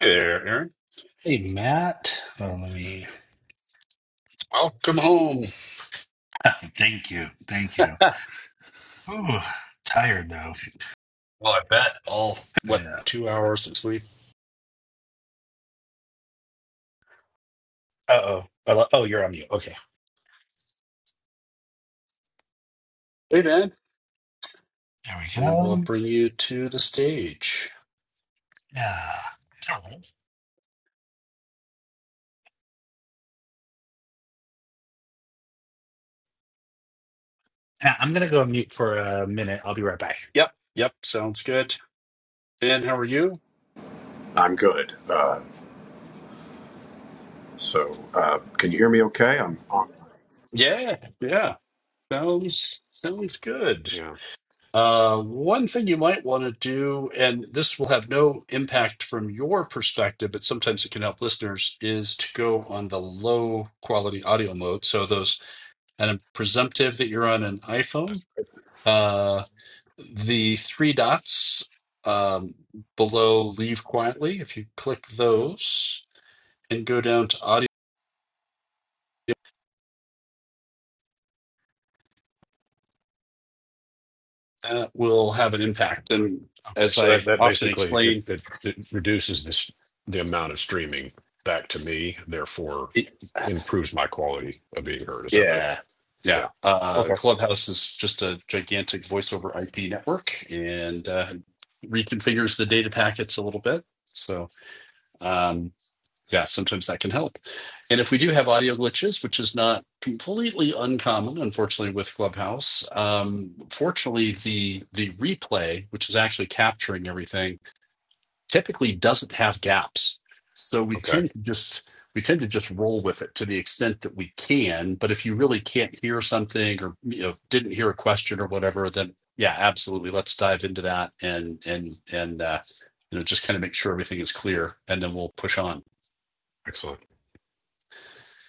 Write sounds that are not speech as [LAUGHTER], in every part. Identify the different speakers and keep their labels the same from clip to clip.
Speaker 1: Hey there, Aaron.
Speaker 2: Hey, Matt. Well, let me.
Speaker 1: Welcome home. [LAUGHS]
Speaker 2: [LAUGHS] Thank you. Thank you.
Speaker 1: Ha.
Speaker 2: Ooh, tired though.
Speaker 1: Well, I bet all, what,
Speaker 2: Yeah.
Speaker 1: two hours of sleep?
Speaker 2: Uh oh. Oh, you're on mute. Okay.
Speaker 1: Hey, man.
Speaker 2: There we
Speaker 1: We will
Speaker 2: go.
Speaker 1: bring you to the stage.
Speaker 2: Yeah. All right. Yeah, I'm gonna go on mute for a minute. I'll be right back.
Speaker 1: Yep, yep, sounds good. Dan, how are you?
Speaker 3: I'm good. Uh, so, uh, can you hear me okay? I'm on.
Speaker 1: Yeah, yeah, sounds sounds good.
Speaker 3: Yeah.
Speaker 1: Uh, one thing you might want to do, and this will have no impact from your perspective, but sometimes it can help listeners, is to go on the low quality audio mode. So those, and I'm presumptive that you're on an iPhone.
Speaker 3: That's-
Speaker 1: Uh. the three dots um, below Leave Quietly, if you click those and go down to audio, that will have an impact. And
Speaker 3: Okay.
Speaker 1: as
Speaker 3: So
Speaker 1: I
Speaker 3: that that
Speaker 1: often
Speaker 3: basically it
Speaker 1: explain,
Speaker 3: it, it reduces this the amount of streaming back to me, therefore
Speaker 1: it,
Speaker 3: improves my quality of being heard. Is that right?
Speaker 1: yeah, yeah,
Speaker 3: Yeah.
Speaker 1: uh,
Speaker 3: Okay.
Speaker 1: Clubhouse is just a gigantic voice over IP network and uh, reconfigures the data packets a little bit. So, um, yeah, sometimes that can help. And if we do have audio glitches, which is not completely uncommon, unfortunately, with Clubhouse, um, fortunately, the the replay, which is actually capturing everything, typically doesn't have gaps. So we
Speaker 3: Okay.
Speaker 1: tend to just we tend to just roll with it to the extent that we can. But if you really can't hear something or you know didn't hear a question or whatever, then yeah, absolutely, let's dive into that and and and uh, you know just kind of make sure everything is clear, and then we'll push on.
Speaker 3: Excellent.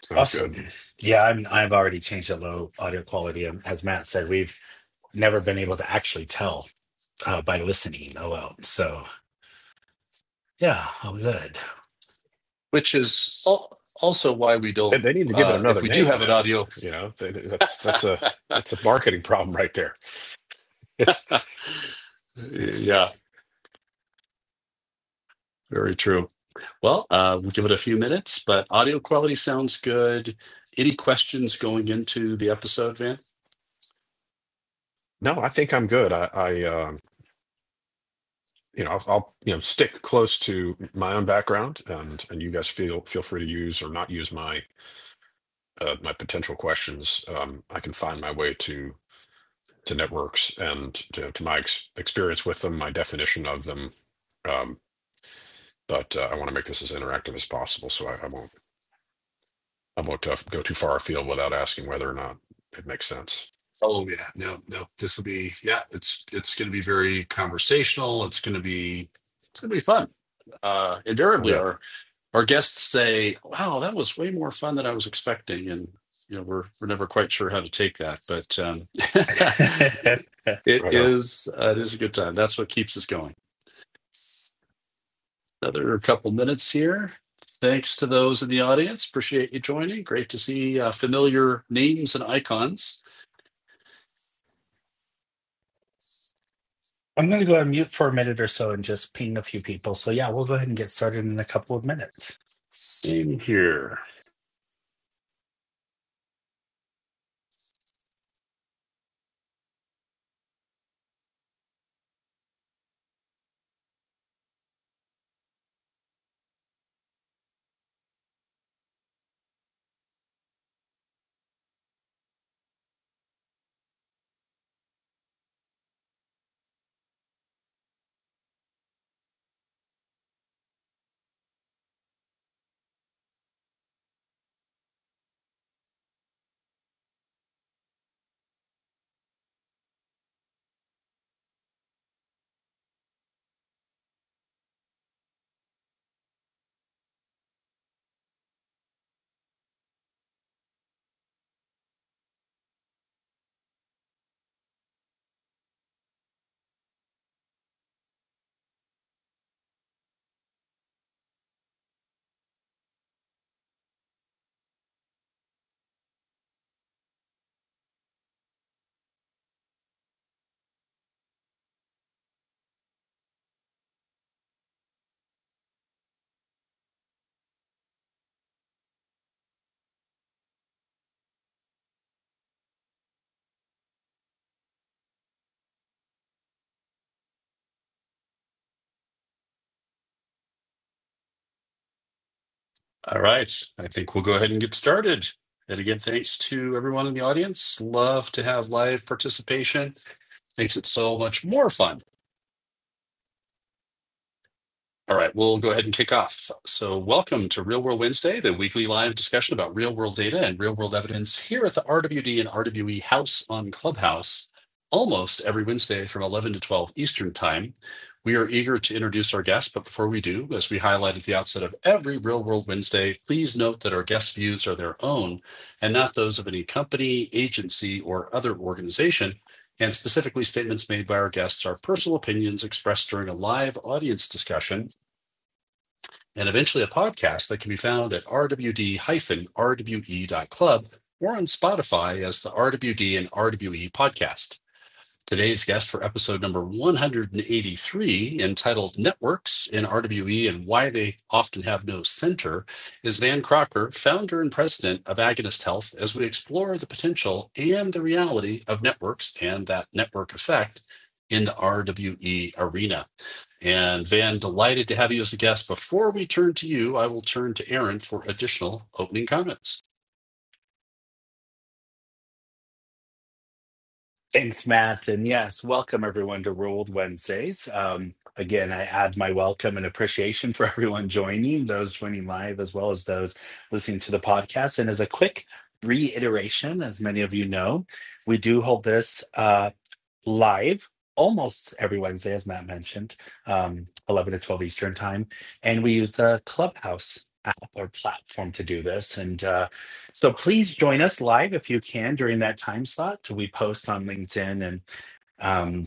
Speaker 3: Sounds
Speaker 2: Awesome.
Speaker 3: good.
Speaker 2: Yeah, I'm. I've already changed the low audio quality, and as Matt said, we've never been able to actually tell uh, by listening alone. So yeah, I'm
Speaker 1: which is al- also why we
Speaker 3: And
Speaker 1: don't
Speaker 3: they need to give it
Speaker 1: uh
Speaker 3: another
Speaker 1: if we do
Speaker 3: name
Speaker 1: have an
Speaker 3: then.
Speaker 1: audio
Speaker 3: You know, they, they- that's
Speaker 1: [LAUGHS]
Speaker 3: that's a that's a marketing problem right there. It's it's
Speaker 1: yeah very true well uh we'll give it a few minutes but audio quality sounds good any questions going into the episode van
Speaker 3: no, I think I'm good. I I um, you know, I'll, I'll you know stick close to my own background, and and you guys feel feel free to use or not use my uh, my potential questions. Um, I can find my way to to networks and to, to my ex- experience with them, my definition of them. Um, but uh, I want to make this as interactive as possible, so I, I won't I won't uh, go too far afield without asking whether or not it makes sense.
Speaker 1: Oh yeah, no, no. This will be yeah. It's it's going to be very conversational. It's going to be it's gonna be fun uh
Speaker 3: I
Speaker 1: invariably
Speaker 3: bet.
Speaker 1: our our guests say wow that was way more fun than i was expecting and you know we're we're never quite sure how to take that but um [LAUGHS]
Speaker 2: good. [LAUGHS]
Speaker 1: It
Speaker 3: Right now.
Speaker 1: is uh, it is a good time. That's what keeps us going. Another couple minutes here. Thanks to those in the audience. Appreciate you joining. Great to see uh, familiar names and icons.
Speaker 2: I'm going to go on mute for a minute or so and just ping a few people. So, yeah, we'll go ahead and get started in a couple of minutes.
Speaker 1: Same here. All right. I think we'll go ahead and get started. And again, thanks to everyone in the audience. Love to have live participation. Makes it so much more fun All right, we'll go ahead and kick off. So, welcome to Real World Wednesday, the weekly live discussion about real world data and real world evidence here at the RWD and RWE House on Clubhouse, almost every Wednesday from 11 to 12 Eastern Time. We are eager to introduce our guests, but before we do, as we highlight at the outset of every Real World Wednesday, please note that our guest views are their own and not those of any company, agency, or other organization. And specifically, statements made by our guests are personal opinions expressed during a live audience discussion and eventually a podcast that can be found at rwd-rwe.club or on Spotify as the RWD and RWE podcast. Today's guest for episode number 183, entitled Networks in RWE and Why They Often Have No Center, is Van Crocker, founder and president of Agonist Health, as we explore the potential and the reality of networks and that network effect in the RWE arena. And Van, delighted to have you as a guest. Before we turn to you, I will turn to Aaron for additional opening comments.
Speaker 2: Thanks, Matt. And yes, welcome everyone to Ruled Wednesdays. Um, again, I add my welcome and appreciation for [LAUGHS] everyone joining, those joining live, as well as those listening to the podcast. And as a quick reiteration, as many of you know, we do hold this. uh, live almost every Wednesday, as Matt mentioned, um, 11 to 12 Eastern time. And we use the Clubhouse app or platform to do this. And uh, so please join us live if you can during that time slot. We post on LinkedIn and um,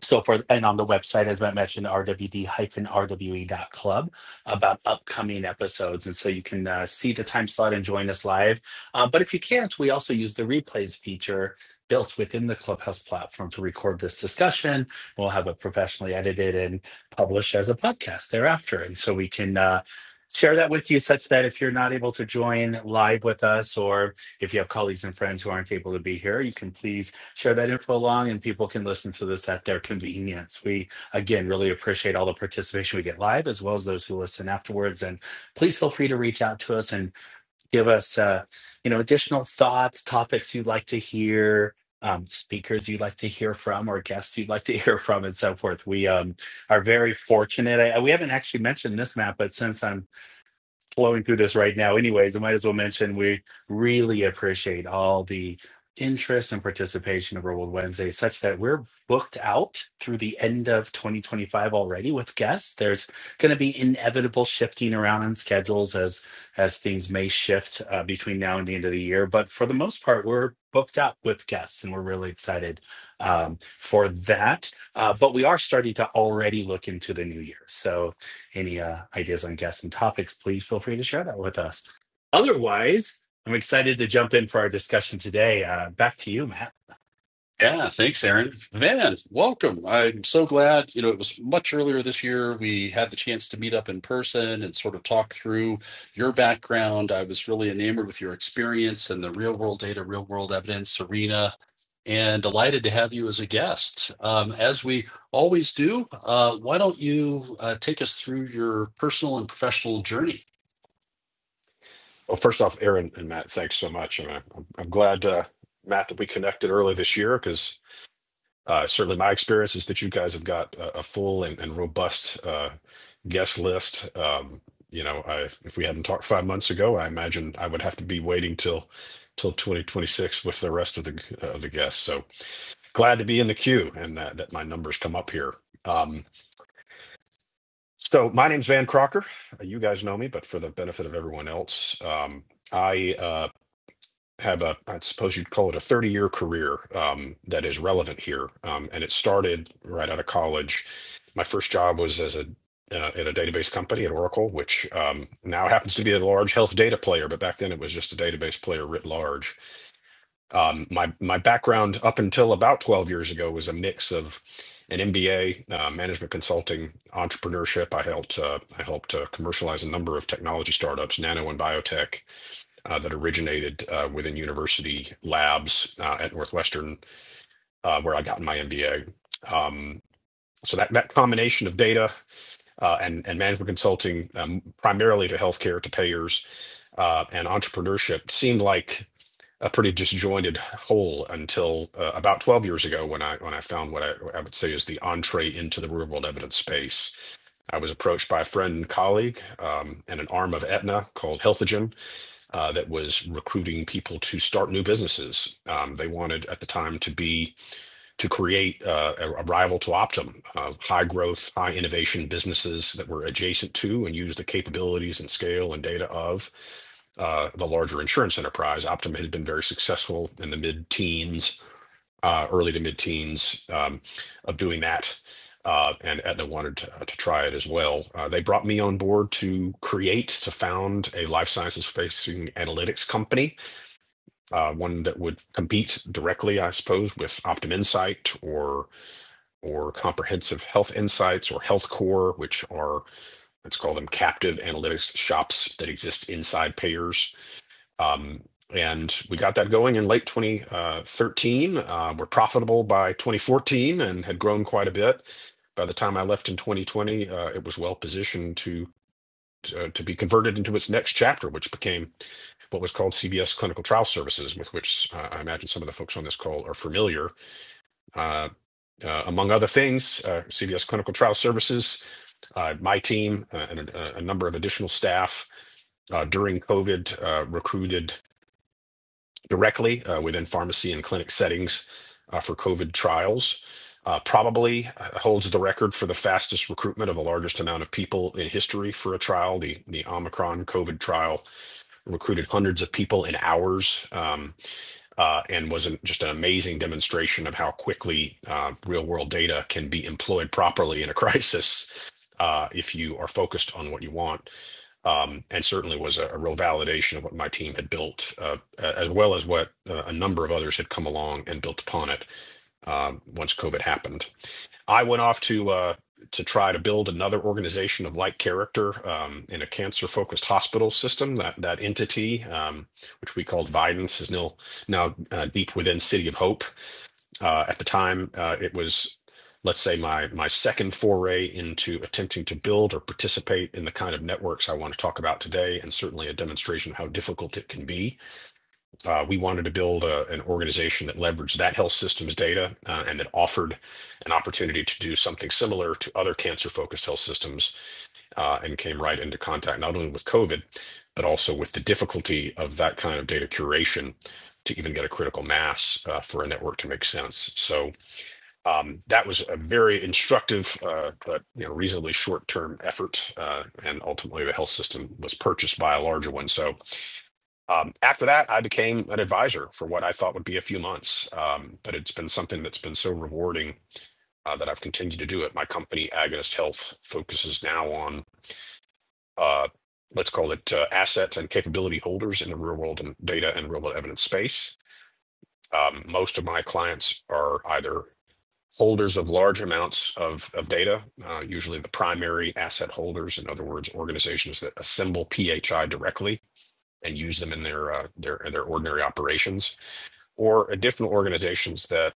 Speaker 2: so for and on the website, as Matt mentioned, rwd-rwe.club about upcoming episodes, and so you can uh, see the time slot and join us live. Uh, but if you can't, we also use the replays feature built within the Clubhouse platform to record this discussion. We'll have it professionally edited and published as a podcast thereafter, and so we can. Uh, Share that with you such that if you're not able to join live with us, or if you have colleagues and friends who aren't able to be here, you can please share that info along and people can listen to this at their convenience. We, again, really appreciate all the participation we get live as well as those who listen afterwards. And please feel free to reach out to us and give us, uh, you know, additional thoughts, topics you'd like to hear. Um, speakers you'd like to hear from or guests you'd like to [LAUGHS] hear from and so forth we um, are very fortunate I, we haven't actually mentioned this matt but since i'm flowing through this right now. Anyways, I might as well mention we really appreciate all the interest and participation of Real World Wednesday, such that we're booked out through the end of 2025 already with guests. There's going to be inevitable shifting around on schedules as as things may shift uh, between now and the end of the year. But for the most part, we're booked out with guests, and we're really excited um, for that. Uh, but we are starting to already look into the new year. So any uh, ideas on guests and topics, please feel free to share that with us. Otherwise, I'm excited to jump in for our discussion today. Uh, back to you, Matt.
Speaker 1: Yeah, thanks, Aaron. Van, welcome. I'm so glad. You know, it was much earlier this year. We had the chance to meet up in person and sort of talk through your background. I was really enamored with your experience and the real world data, real world evidence arena, and delighted to have you as a guest. Um, as we always do, uh, why don't you uh, take us through your personal and professional journey?
Speaker 3: Well, first off, Aaron and Matt, thanks so much, and I, I'm glad uh, Matt that we connected early this year because Uh, certainly, my experience is that you guys have got a, a full and, and robust uh, guest list. Um, you know, I, if we hadn't talked five months ago, I imagine I would have to be waiting till till 2026 with the rest of the uh, of the guests. So glad to be in the queue and that, that my numbers come up here. Um, so my name's Van Crocker. You guys know me, but for the benefit of everyone else, um, I uh, have a, I suppose you'd call it a 30 year career um, that is relevant here. Um, and it started right out of college. My first job was as a uh, at a database company at Oracle, which um, now happens to be a large health data player, but back then it was just a database player writ large. Um, my my background up until about 12 years ago was a mix of an MBA, uh, management consulting, entrepreneurship. I helped uh, I helped uh, commercialize a number of technology startups, nano and biotech, uh, that originated uh, within university labs uh, at Northwestern, uh, where I got my MBA. Um, so that, that combination of data uh, and, and management consulting, um, primarily to healthcare, to payers, uh, and entrepreneurship, seemed like a pretty disjointed whole until uh, about 12 years ago when I when I found what I, I would say is the entree into the real world evidence space. I was approached by a friend and colleague um, and an arm of Aetna called Healthogen uh, that was recruiting people to start new businesses. Um, they wanted at the time to be to create uh, a, a rival to Optum, uh, high growth, high innovation businesses that were adjacent to and used the capabilities and scale and data of uh, the larger insurance enterprise. Optum had been very successful in the mid teens uh, early to mid teens um, of doing that. Uh, and Etna wanted to, to try it as well. Uh, they brought me on board to create, to found a life sciences facing analytics company, uh, one that would compete directly, I suppose, with Optum Insight or or Comprehensive Health Insights or HealthCore, which are let's call them captive analytics shops that exist inside payers um, and we got that going in late 2013. Uh, we're profitable by 2014 and had grown quite a bit. By the time I left in 2020, uh, it was well positioned to to to be converted into its next chapter, which became what was called CBS Clinical Trial Services, with which uh, I imagine some of the folks on this call are familiar. Uh, uh, among other things, uh, CBS Clinical Trial Services, uh, my team, uh, and a, a number of additional staff uh, during COVID uh, recruited directly uh, within pharmacy and clinic settings uh, for COVID trials. Uh, probably uh, holds the record for the fastest recruitment of the largest amount of people in history for a trial. The the Omicron COVID trial recruited hundreds of people in hours. Um, uh, and was an, just an amazing demonstration of how quickly uh, real world data can be employed properly in a [LAUGHS] crisis uh, if you are focused on what you want. Um, and certainly was a, a real validation of what my team had built, uh, as well as what uh, a number of others had come along and built upon it uh, once COVID happened. I went off to uh, to try to build another organization of like character um, in a cancer focused hospital system. That that entity, um, which we called Vidance, is now now uh, deep within City of Hope. Uh, at the time, uh, it was let's say my my second foray into attempting to build or participate in the kind of networks I want to talk about today, and certainly a demonstration of how difficult it can be uh, we wanted to build a, an organization that leveraged that health systems data uh, and that offered an opportunity to do something similar to other cancer focused health systems uh, and came right into contact not only with COVID, but also with the difficulty of that kind of data curation to even get a critical mass uh, for a network to make sense. So um, that was a very instructive, uh, but you know, reasonably short-term effort, uh, and ultimately the health system was purchased by a larger one. So um, after that, I became an advisor for what I thought would be a few months, um, but it's been something that's been so rewarding uh, that I've continued to do it. My company, Agonist Health, focuses now on uh, let's call it uh, assets and capability holders in the real world and data and real world evidence space. Um, most of my clients are either holders of large amounts of, of data, uh, usually the primary asset holders, in other words, organizations that assemble PHI directly and use them in their uh, their their ordinary operations or additional organizations that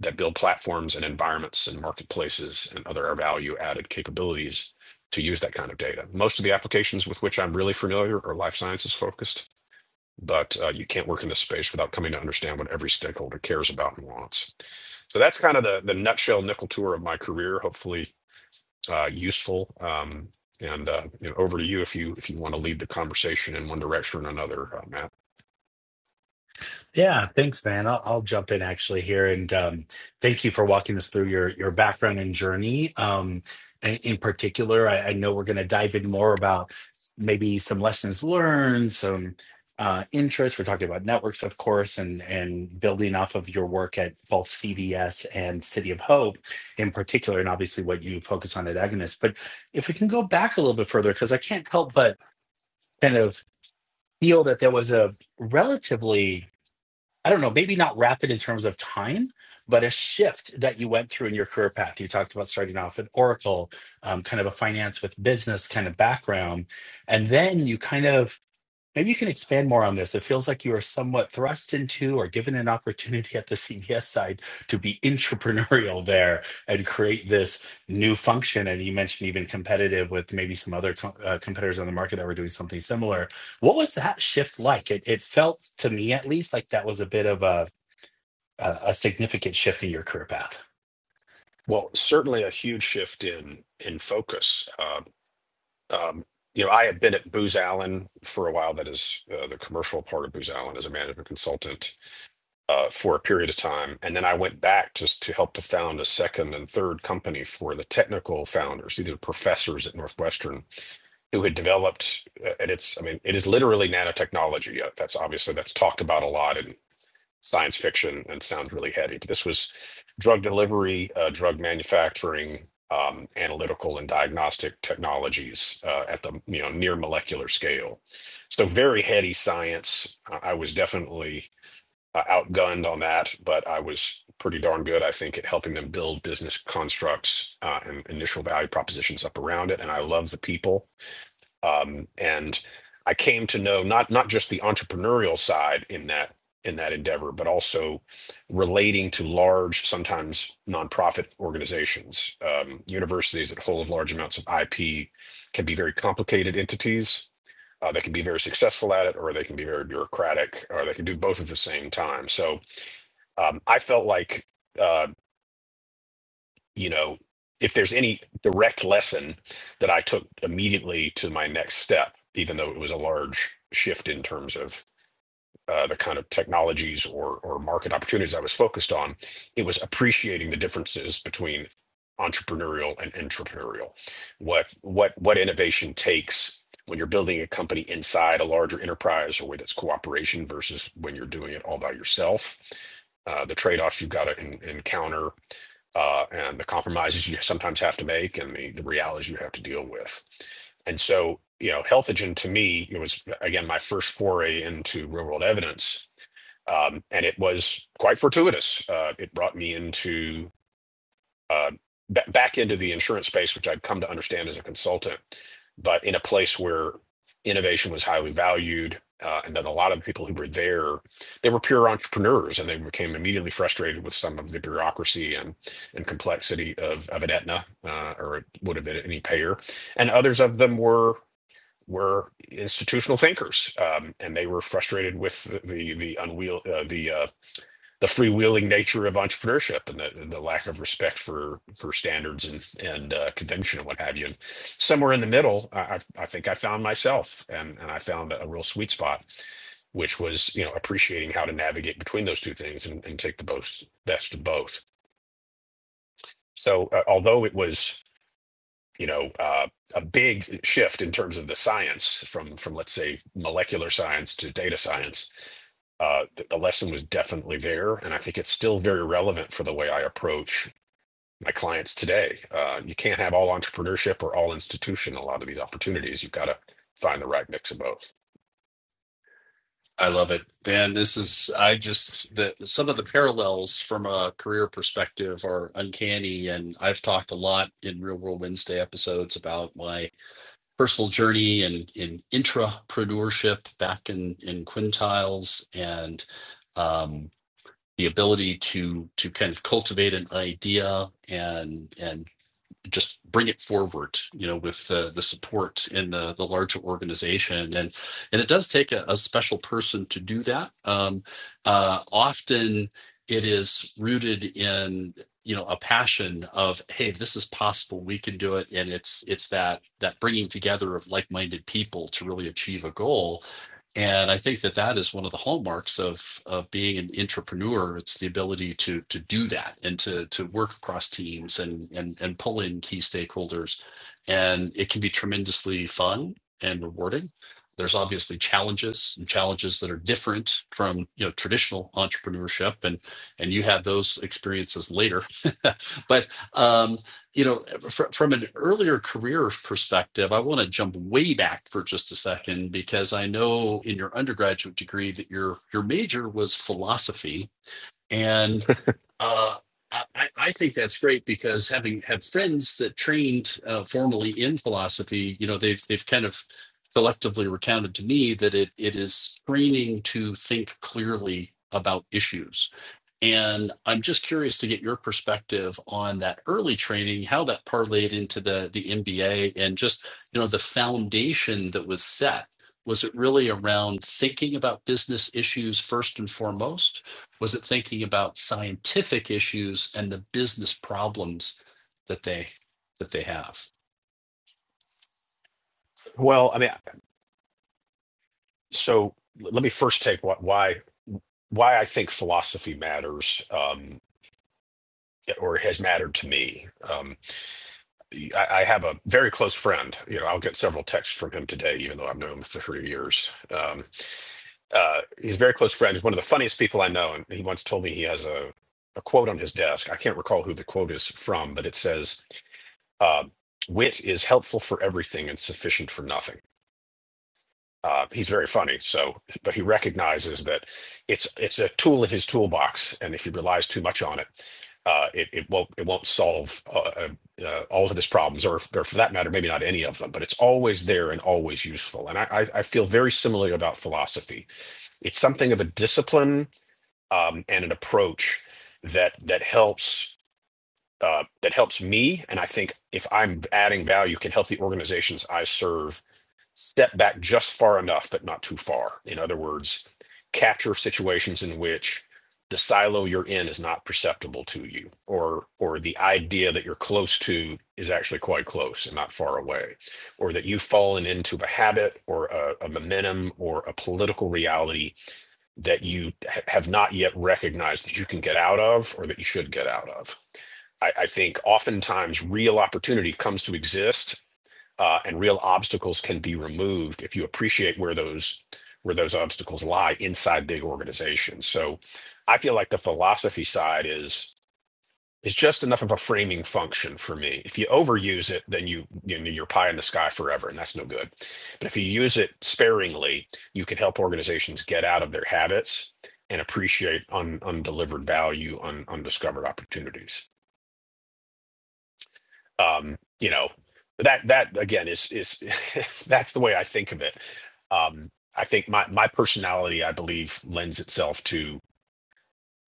Speaker 3: that build platforms and environments and marketplaces and other value added capabilities to use that kind of data. Most of the applications with which I'm really familiar are life sciences focused, but uh, you can't work in this space without coming to understand what every stakeholder cares about and wants. So that's kind of the the nutshell nickel tour of my career. Hopefully, uh, useful. Um, and uh, you know, over to you if you if you want to lead the conversation in one direction or another, uh, Matt.
Speaker 2: Yeah, thanks, man. I'll, I'll jump in actually here, and um, thank you for walking us through your your background and journey. Um, in, in particular, I, I know we're going to dive in more about maybe some lessons learned, some uh, interests. We're talking about networks, of course, and and building off of your work at both CVS and City of Hope, in particular, and obviously what you focus on at Agnes. But if we can go back a little bit further, because I can't help but kind of feel that there was a relatively I don't know, maybe not rapid in terms of time, but a shift that you went through in your career path. You talked about starting off at Oracle, um, kind of a finance with business kind of background. And then you kind of Maybe you can expand more on this. It feels like you are somewhat thrust into or given an opportunity at the CBS side to be entrepreneurial there and create this new function. And you mentioned even competitive with maybe some other co- uh, competitors on the market that were doing something similar. What was that shift like? It, it felt to me, at least, like that was a bit of a, a, a significant shift in your career path.
Speaker 3: Well, certainly a huge shift in in focus. Uh, Um, you know, I had been at Booz Allen for a while. That is uh, the commercial part of Booz Allen as a management consultant uh, for a period of time, and then I went back to to help to found a second and third company for the technical founders, either professors at Northwestern who had developed. uh, And it's, I mean, it is literally nanotechnology. Uh, That's obviously that's talked about a lot in science fiction and sounds really heady. But this was drug delivery, uh, drug manufacturing, um, analytical and diagnostic technologies uh, at the you know near molecular scale. So very heady science. I I was definitely uh, outgunned on that, but I was pretty darn good, I think, at helping them build business constructs uh, and initial value propositions up around it. And I love the people um, and I came to know not not just the entrepreneurial side in that in that endeavor, but also relating to large, sometimes nonprofit organizations. Um, universities that hold large amounts of IP can be very complicated entities. Uh, they can be very successful at it, or they can be very bureaucratic, or they can do both at the same time. So um, I felt like. uh, you know, if there's any direct lesson that I took immediately to my next step, even though it was a large shift in terms of uh, the kind of technologies or or market opportunities I was focused on, it was appreciating the differences between entrepreneurial and entrepreneurial. What what what innovation takes when you're building a company inside a larger enterprise or with its cooperation versus when you're doing it all by yourself. Uh, the trade-offs you've got to en- encounter uh, and the compromises you sometimes have to make and the, the realities you have to deal with. And so, you know, Healthagen to me, it was again my first foray into real world evidence. Um, and it was quite fortuitous. Uh, it brought me into uh, ba- back into the insurance space, which I'd come to understand as a consultant, but in a place where innovation was highly valued. Uh, and then a lot of the people who were there, they were pure entrepreneurs, and they became immediately frustrated with some of the bureaucracy and and complexity of of an Aetna, uh, or it would have been any payer and others of them were were institutional thinkers, um, and they were frustrated with the the, the unwheel uh, the uh, the freewheeling nature of entrepreneurship and the, the lack of respect for for standards and and uh, convention and what have you. And somewhere in the middle, I, I I think I found myself, and and I found a real sweet spot, which was you know appreciating how to navigate between those two things and, and take the most best of both. So uh, although it was you know uh, a big shift in terms of the science from from let's say molecular science to data science uh, the lesson was definitely there and i think it's still very relevant for the way i approach my clients today uh, you can't have all entrepreneurship or all institution in a lot of these opportunities you've got to find the right mix of both
Speaker 1: I love it. Dan, this is, I just, the, some of the parallels from a career perspective are uncanny. And I've talked a lot in Real World Wednesday episodes about my personal journey and in intrapreneurship back in, in quintiles and um, the ability to, to kind of cultivate an idea and and just bring it forward you know with uh, the support in the, the larger organization and and it does take a, a special person to do that um, uh, often it is rooted in you know a passion of hey this is possible we can do it and it's it's that that bringing together of like-minded people to really achieve a goal and I think that that is one of the hallmarks of of being an entrepreneur. It's the ability to to do that and to to work across teams and and and pull in key stakeholders. And it can be tremendously fun and rewarding. There's obviously challenges and challenges that are different from you know traditional entrepreneurship, and and you had those experiences later. [LAUGHS] but um, you know fr- from an earlier career perspective, I want to jump way back for just a second because I know in your undergraduate degree that your your major was philosophy, and uh, I, I I think that's great because having had friends that trained uh, formally in philosophy, you know, they've they've kind of collectively recounted to me that it it is training to think clearly about issues and I'm just curious to get your perspective on that early training, how that parlayed into the the MBA and just, you know, the foundation that was set. Was it really around thinking about business issues first and foremost? Was it thinking about scientific issues and the business problems that they that they have?
Speaker 3: well i mean so let me first take what why why i think philosophy matters um, or has mattered to me Um, I, I have a very close friend. You know, I'll get several texts from him today, even though I've known him for three years. Um, uh, he's a very close friend. He's one of the funniest people I know, and he once told me he has a, a quote on his desk. I can't recall who the quote is from, but it says, uh, "Wit is helpful for everything and sufficient for nothing." Uh, he's very funny, so but he recognizes that it's it's a tool in his toolbox, and if he relies too much on it, uh, it it won't it won't solve uh, uh, uh, all of his problems, or, or for that matter, maybe not any of them. But it's always there and always useful. And I I, I feel very similarly about philosophy. It's something of a discipline um, and an approach that that helps. Uh, that helps me, and I think if I'm adding value, can help the organizations I serve step back just far enough, but not too far. In other words, capture situations in which the silo you're in is not perceptible to you, or or the idea that you're close to is actually quite close and not far away, or that you've fallen into a habit or a, a momentum or a political reality that you ha- have not yet recognized that you can get out of or that you should get out of. I, I think oftentimes real opportunity comes to exist uh, and real obstacles can be removed if you appreciate where those where those obstacles lie inside big organizations. So I feel like the philosophy side is is just enough of a framing function for me. If you overuse it, then you, you know, you're pie in the sky forever, and that's no good. But if you use it sparingly, you can help organizations get out of their habits and appreciate un, undelivered value, un, undiscovered opportunities um you know that that again is is [LAUGHS] that's the way i think of it um i think my my personality i believe lends itself to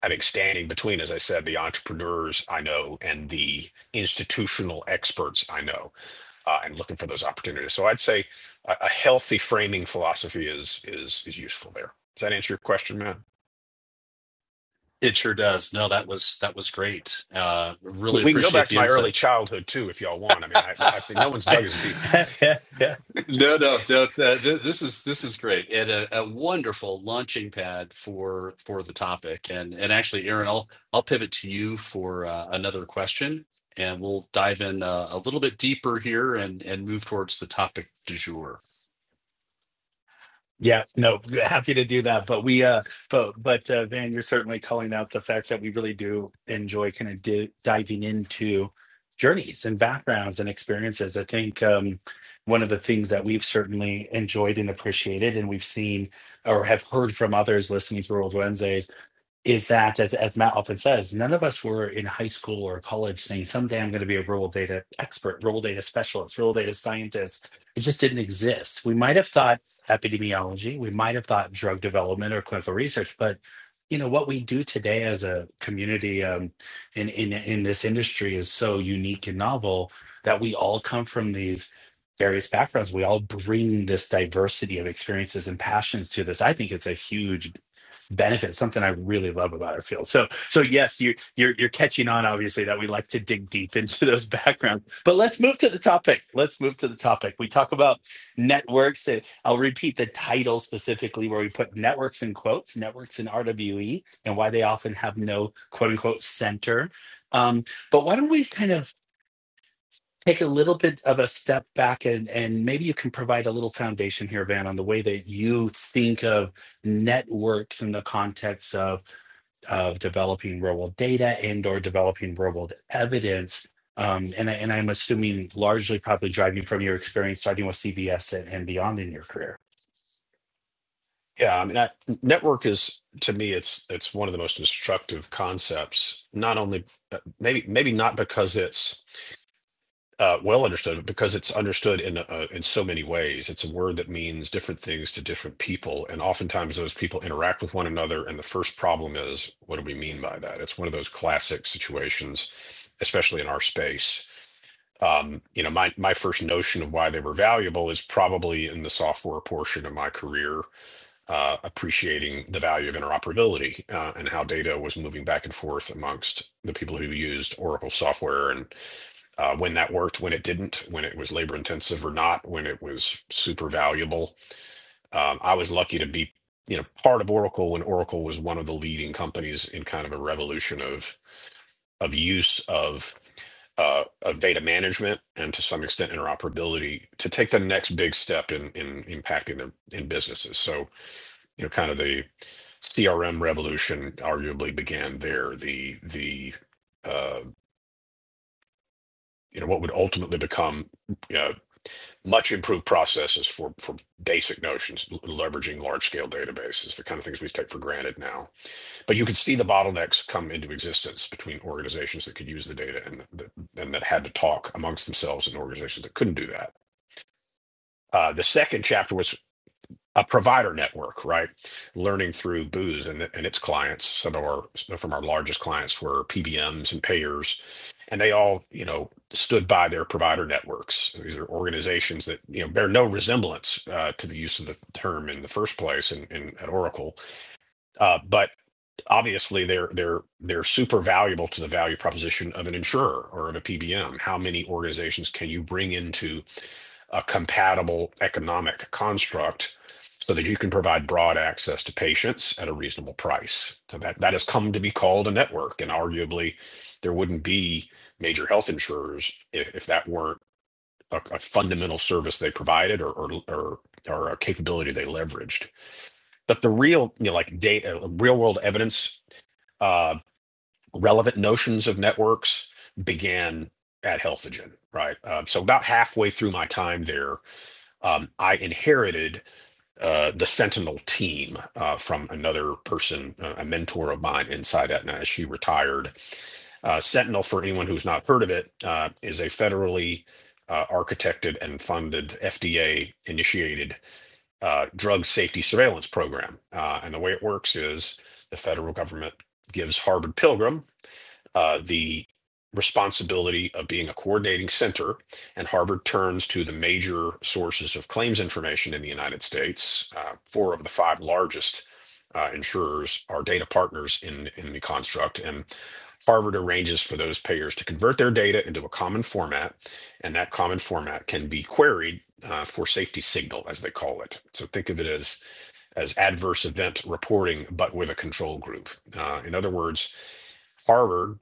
Speaker 3: having standing between as i said the entrepreneurs i know and the institutional experts i know uh, and looking for those opportunities so i'd say a, a healthy framing philosophy is is is useful there does that answer your question matt
Speaker 1: It sure does. No, that was that was great. Uh,
Speaker 3: we,
Speaker 1: really
Speaker 3: we can go back
Speaker 1: appreciate
Speaker 3: to
Speaker 1: the
Speaker 3: my early
Speaker 1: insights.
Speaker 3: childhood too if y'all want i mean i, I think no one's dug as deep
Speaker 1: [LAUGHS]
Speaker 2: [LAUGHS]
Speaker 1: No, no, don't. Uh, th this is this is great and a, a wonderful launching pad for for the topic. And and actually, Aaron, I'll I'll pivot to you for uh, another question, and we'll dive in uh, a little bit deeper here and and move towards the topic du jour.
Speaker 2: yeah no happy to do that but we uh but but uh van you're certainly calling out the fact that we really do enjoy kind of di- diving into journeys and backgrounds and experiences i think um one of the things that we've certainly enjoyed and appreciated and we've seen or have heard from others listening to world Wednesdays is that as, as Matt often says, none of us were in high school or college saying someday I'm going to be a rural data expert, rural data specialist, rural data scientist. It just didn't exist. We might have thought epidemiology, we might have thought drug development or clinical research, but you know what we do today as a community um, in in in this industry is so unique and novel that we all come from these various backgrounds. We all bring this diversity of experiences and passions to this. I think it's a huge benefit something i really love about our field so so yes you you're you're catching on obviously that we like to dig deep into those [LAUGHS] backgrounds but let's move to the topic let's move to the topic we talk about networks and i'll repeat the title specifically where we put networks in quotes networks in rwe and why they often have no quote unquote center um, but why don't we kind of take a little bit of a step back and and maybe you can provide a little foundation here van on the way that you think of networks in the context of of developing real world data and or developing real world evidence um, and, I, and i'm assuming largely probably driving from your experience starting with cbs and, and beyond in your career
Speaker 3: Yeah, I mean that network is to me it's it's one of the most instructive concepts. Not only uh, maybe maybe not because it's uh, well understood, but because it's understood in uh, in so many ways. It's a word that means different things to different people, and oftentimes those people interact with one another. And the first problem is, what do we mean by that? It's one of those classic situations, especially in our space. Um, you know, my my first notion of why they were valuable is probably in the software portion of my career uh, appreciating the value of interoperability uh, and how data was moving back and forth amongst the people who used Oracle software and uh, when that worked, when it didn't, when it was labor intensive or not, when it was super valuable. Um, I was lucky to be, you know, part of Oracle when Oracle was one of the leading companies in kind of a revolution of of use of uh, of data management and to some extent interoperability to take the next big step in in impacting them in businesses. So you know, kind of the CRM revolution arguably began there. The the uh, you know what would ultimately become uh, much improved processes for for basic notions, leveraging large scale databases, the kind of things we take for granted now. But you could see the bottlenecks come into existence between organizations that could use the data and that, and that had to talk amongst themselves and organizations that couldn't do that. Uh, the second chapter was a provider network, right? Learning through Booz and, and its clients. Some of our from our largest clients were PBMs and payers, and they all, you know, stood by their provider networks. These are organizations that you know bear no resemblance uh, to the use of the term in the first place in, in at Oracle, uh, but obviously they're they're they're super valuable to the value proposition of an insurer or of a PBM. How many organizations can you bring into a compatible economic construct so that you can provide broad access to patients at a reasonable price? So that that has come to be called a network, and arguably there wouldn't be major health insurers if, if that weren't a, a fundamental service they provided or or, or or a capability they leveraged. But the real, you know, like data, real world evidence uh, relevant notions of networks began at Healthogen, right? Um, so about halfway through my time there, um, I inherited uh, the Sentinel team uh, from another person, uh, a mentor of mine inside Aetna as she retired. Uh, Sentinel, for anyone who's not heard of it, uh, is a federally uh, architected and funded FDA initiated uh, drug safety surveillance program. Uh, and the way it works is the federal government gives Harvard Pilgrim, uh, the responsibility of being a coordinating center, and Harvard turns to the major sources of claims information in the United States. Uh, four of the five largest uh, insurers are data partners in, in the construct, and Harvard arranges for those payers to convert their data into a common format, and that common format can be queried uh, for safety signal, as they call it. So think of it as as adverse event reporting, but with a control group. Uh, in other words, Harvard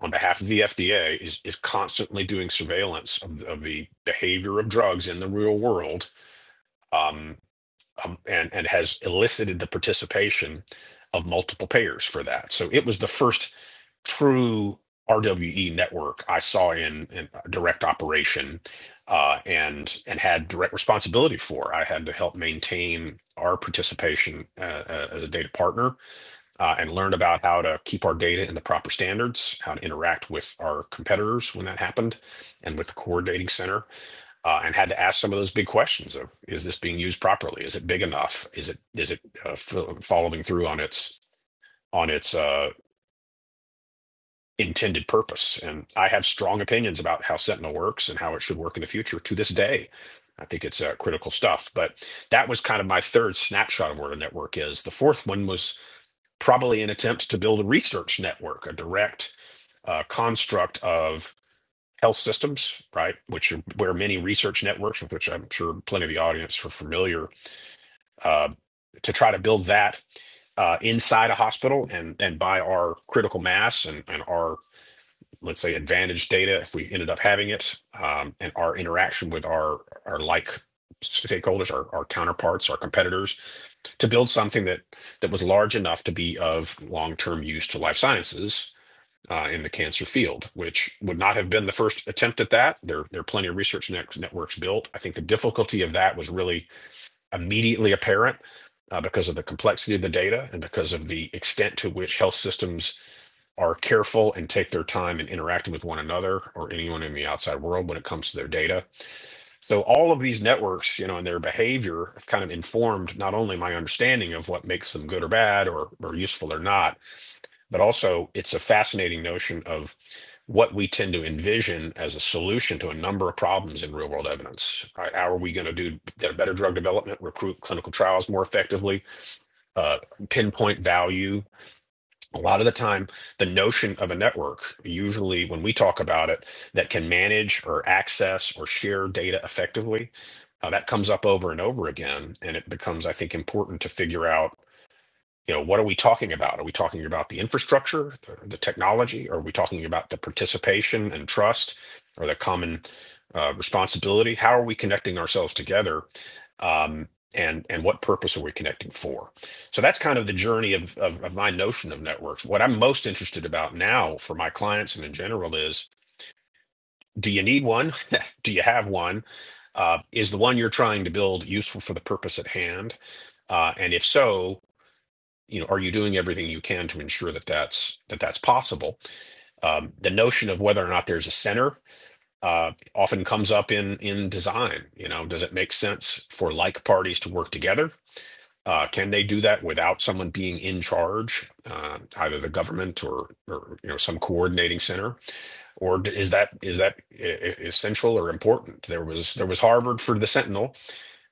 Speaker 3: on behalf of the FDA is is constantly doing surveillance of, of the behavior of drugs in the real world, um, um, and and has elicited the participation of multiple payers for that. So it was the first true RWE network I saw in, in direct operation, uh, and and had direct responsibility for. I had to help maintain our participation uh, uh, as a data partner uh, and learned about how to keep our data in the proper standards, how to interact with our competitors when that happened, and with the coordinating center, uh, and had to ask some of those big questions of: Is this being used properly? Is it big enough? Is it is it uh, following through on its on its uh, intended purpose? And I have strong opinions about how Sentinel works and how it should work in the future. To this day, I think it's uh, critical stuff. But that was kind of my third snapshot of where the network is. The fourth one was probably an attempt to build a research network, a direct uh, construct of health systems, right? Which are where many research networks, with which I'm sure plenty of the audience are familiar, uh, to try to build that uh, inside a hospital and and by our critical mass and and our let's say advantage data if we ended up having it um, and our interaction with our our like stakeholders our, our counterparts our competitors to build something that that was large enough to be of long-term use to life sciences uh, in the cancer field, which would not have been the first attempt at that. There, there are plenty of research net- networks built. I think the difficulty of that was really immediately apparent uh, because of the complexity of the data and because of the extent to which health systems are careful and take their time in interacting with one another or anyone in the outside world when it comes to their data. So all of these networks, you know, and their behavior have kind of informed not only my understanding of what makes them good or bad or, or useful or not, but also it's a fascinating notion of what we tend to envision as a solution to a number of problems in real world evidence. Right? How are we going to do better drug development, recruit clinical trials more effectively, uh, pinpoint value? A lot of the time, the notion of a network, usually when we talk about it, that can manage or access or share data effectively, uh, that comes up over and over again. And it becomes, I think, important to figure out you know what are we talking about are we talking about the infrastructure the, the technology are we talking about the participation and trust or the common uh, responsibility how are we connecting ourselves together um, and and what purpose are we connecting for so that's kind of the journey of, of of my notion of networks what i'm most interested about now for my clients and in general is do you need one [LAUGHS] do you have one uh, is the one you're trying to build useful for the purpose at hand uh, and if so you know, are you doing everything you can to ensure that that's that that's possible? Um, the notion of whether or not there's a center uh, often comes up in in design. You know, does it make sense for like parties to work together? Uh, can they do that without someone being in charge, uh, either the government or, or you know some coordinating center? Or is that is that e, e, essential or important? There was there was Harvard for the Sentinel,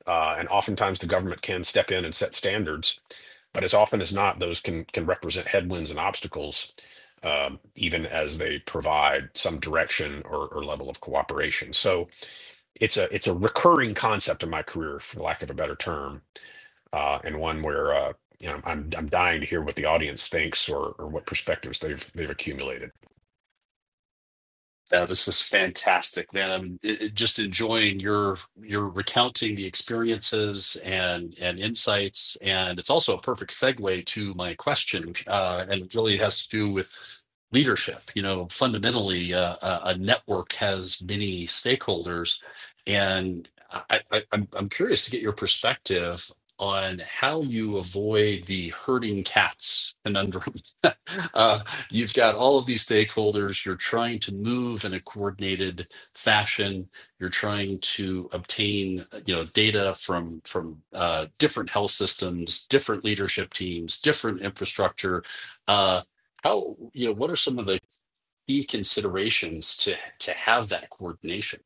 Speaker 3: uh, and oftentimes the government can step in and set standards but as often as not, those can can represent headwinds and obstacles, um, even as they provide some direction or, or level of cooperation. So it's a it's a recurring concept in my career, for lack of a better term, uh, and one where uh, you know I'm I'm dying to hear what the audience thinks or or what perspectives they've they've accumulated.
Speaker 1: Yeah, this is fantastic, man. I'm i- i- just enjoying your your recounting the experiences and and insights, and it's also a perfect segue to my question, uh, and it really has to do with leadership. You know, fundamentally, uh, a, a network has many stakeholders, and I, I, I'm I'm curious to get your perspective on how you avoid the herding cats conundrum [LAUGHS] uh, you've got all of these stakeholders. You're trying to move in a coordinated fashion. You're trying to obtain, you know, data from from uh, different health systems, different leadership teams, different infrastructure. Uh, how you know what are some of the key considerations to to have that coordination?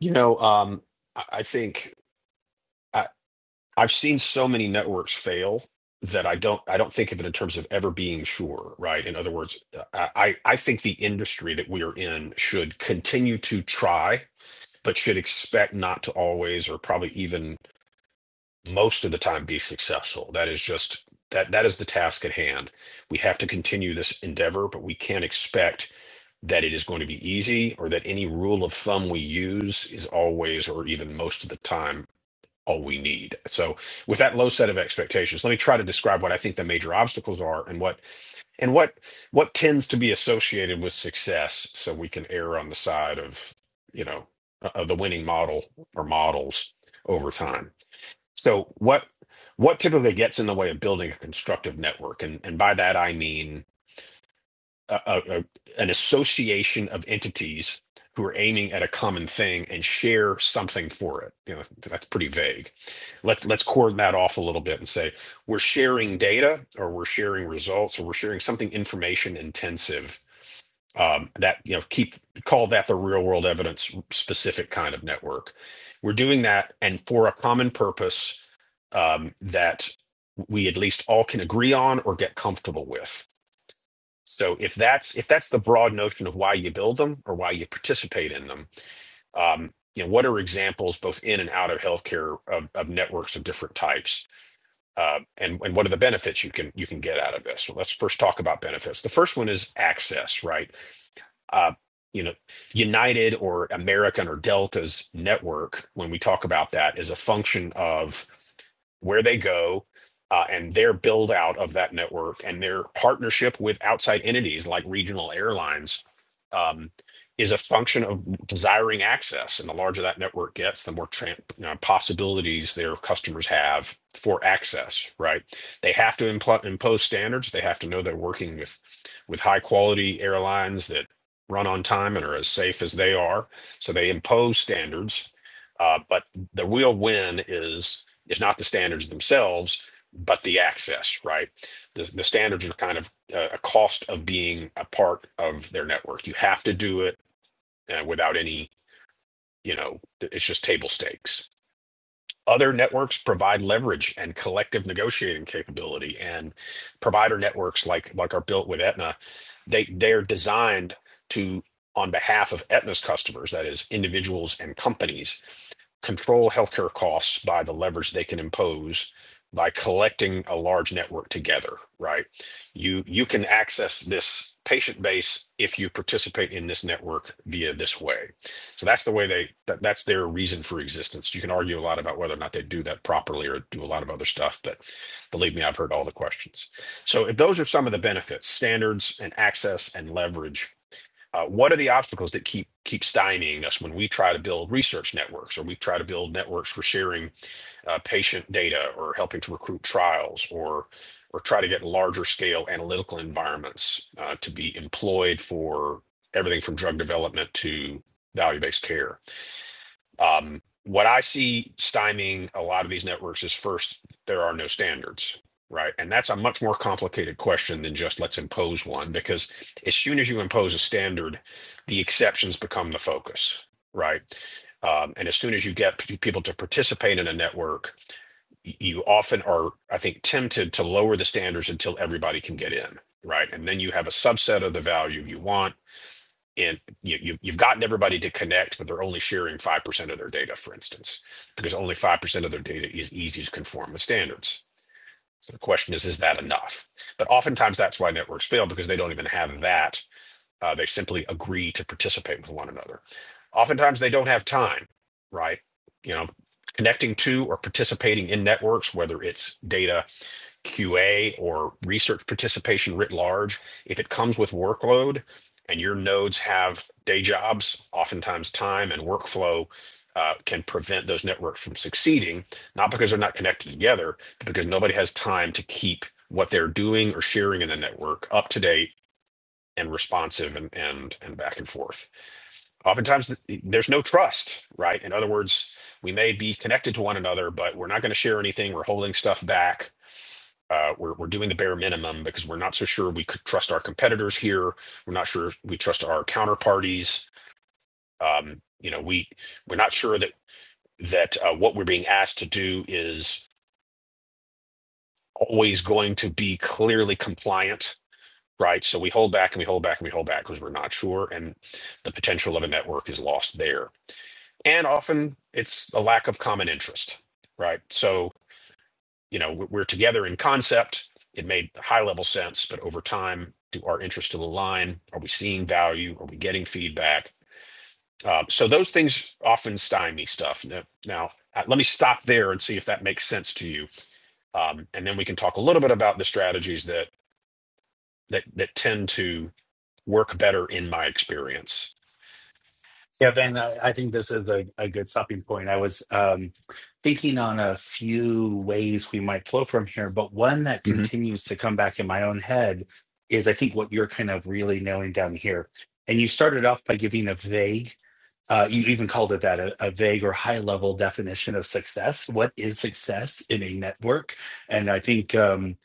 Speaker 3: You know, um, I I think. I, I've seen so many networks fail that I don't I don't think of it in terms of ever being sure, right? In other words, I I I think the industry that we are in should continue to try, but should expect not to always or probably even most of the time be successful. That is just that that is the task at hand. We have to continue this endeavor, but we can't expect that it is going to be easy or that any rule of thumb we use is always or even most of the time all we need. So with that low set of expectations, let me try to describe what I think the major obstacles are and what and what what tends to be associated with success so we can err on the side of, you know, of the winning model or models over time. So what what typically gets in the way of building a constructive network and and by that I mean a, a, an association of entities who are aiming at a common thing and share something for it. You know, that's pretty vague. Let's let's cordon that off a little bit and say we're sharing data, or we're sharing results, or we're sharing something information intensive. Um, that you know, keep call that the real world evidence specific kind of network. We're doing that, and for a common purpose um, that we at least all can agree on or get comfortable with so if that's if that's the broad notion of why you build them or why you participate in them, um, you know, what are examples both in and out of healthcare of, of networks of different types, uh, and and what are the benefits you can you can get out of this? Well, let's first talk about benefits. The first one is access, right? Uh, you know, United or American or Delta's network, when we talk about that, is a function of where they go uh, and their build out of that network and their partnership with outside entities like regional airlines um, is a function of desiring access. And the larger that network gets, the more tran you know, possibilities their customers have for access. Right? They have to impl- impose standards. They have to know they're working with with high quality airlines that run on time and are as safe as they are. So they impose standards. Uh, but the real win is it's not the standards themselves, but the access, right? The, the standards are kind of uh, a cost of being a part of their network. You have to do it uh, without any, you know, it's just table stakes other networks provide leverage and collective negotiating capability and provider networks like like are built with Aetna they they're designed to on behalf of Aetna's customers that is individuals and companies control healthcare costs by the leverage they can impose by collecting a large network together right you you can access this patient base if you participate in this network via this way so that's the way they that, that's their reason for existence. You can argue a lot about whether or not they do that properly or do a lot of other stuff, but believe me, I've heard all the questions. So if those are some of the benefits, standards and access and leverage uh, what are the obstacles that keep keep stymieing us when we try to build research networks or we try to build networks for sharing uh, patient data or helping to recruit trials or or try to get larger scale analytical environments uh, to be employed for everything from drug development to value based care um, what I see stymieing a lot of these networks is first, there are no standards, right? And that's a much more complicated question than just let's impose one, because as soon as you impose a standard, the exceptions become the focus, right? Um, and as soon as you get p- people to participate in a network, y- you often are, I think, tempted to lower the standards until everybody can get in, right? And then you have a subset of the value you want and you, you've, you've gotten everybody to connect, but they're only sharing 5% of their data, for instance, because only 5% of their data is easy to conform with standards. So the question is, is that enough? But oftentimes that's why networks fail because they don't even have that. Uh, they simply agree to participate with one another. Oftentimes they don't have time, right? You know, connecting to or participating in networks, whether it's data QA or research participation writ large, if it comes with workload and your nodes have day jobs, oftentimes time and workflow uh, can prevent those networks from succeeding, not because they're not connected together, but because nobody has time to keep what they're doing or sharing in the network up to date and responsive and, and and back and forth. Oftentimes there's no trust, right? In other words, we may be connected to one another, but we're not going to share anything. We're holding stuff back uh, we're, we're doing the bare minimum because we're not so sure we could trust our competitors here. We're not sure we trust our counterparties. Um, you know, we we're not sure that that uh, what we're being asked to do is always going to be clearly compliant, right? So we hold back and we hold back and we hold back because we're not sure, and the potential of a network is lost there. And often it's a lack of common interest, right? So you know we're together in concept it made high level sense but over time do our interests still align are we seeing value are we getting feedback um, so those things often stymie stuff now, now, uh, let me stop there and see if that makes sense to you um, and then we can talk a little bit about the strategies that that that tend to work better in my experience
Speaker 2: yeah Van, i, I think this is a, a good stopping point i was um, thinking on a few ways we might flow from here but one that
Speaker 3: hmm
Speaker 2: continues to come back in my own head is i think what you're kind of really nailing down here and you started off by giving a vague Uh, you even called it that a, a vague or high level definition of success. What is success in a network? And I think um,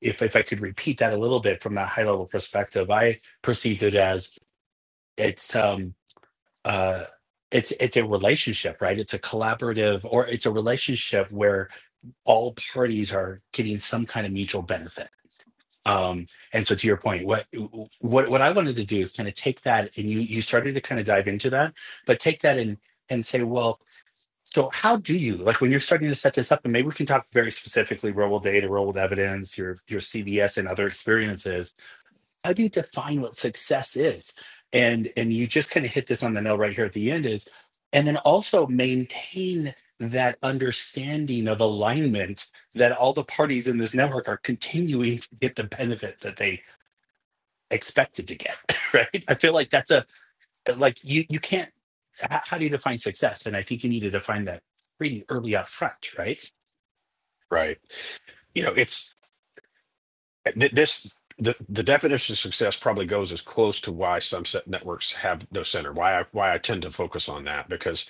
Speaker 2: if if I could repeat that a little bit from that high level perspective, I perceived it as it's um, uh, it's it's a relationship, right? It's a collaborative or it's a relationship where all parties are getting some kind of mutual benefit. Um, and so to your point, what what what I wanted to do is kind of take that and you you started to kind of dive into that, but take that and and say, well, so how do you like when you're starting to set this up, and maybe we can talk very specifically real-world data, real-world evidence, your your CVS and other experiences. How do you define what success is? And and you just kind of hit this on the nail right here at the end is, and then also maintain that understanding of alignment that all the parties in this network are continuing to get the benefit that they expected to get. [LAUGHS] Right? I feel like that's a like you you can't how, how do you define success and i think you need to define that pretty early up front right
Speaker 3: right you know it's Th- This the, the definition of success probably goes as close to why some set networks have no center. Why I why I tend to focus on that because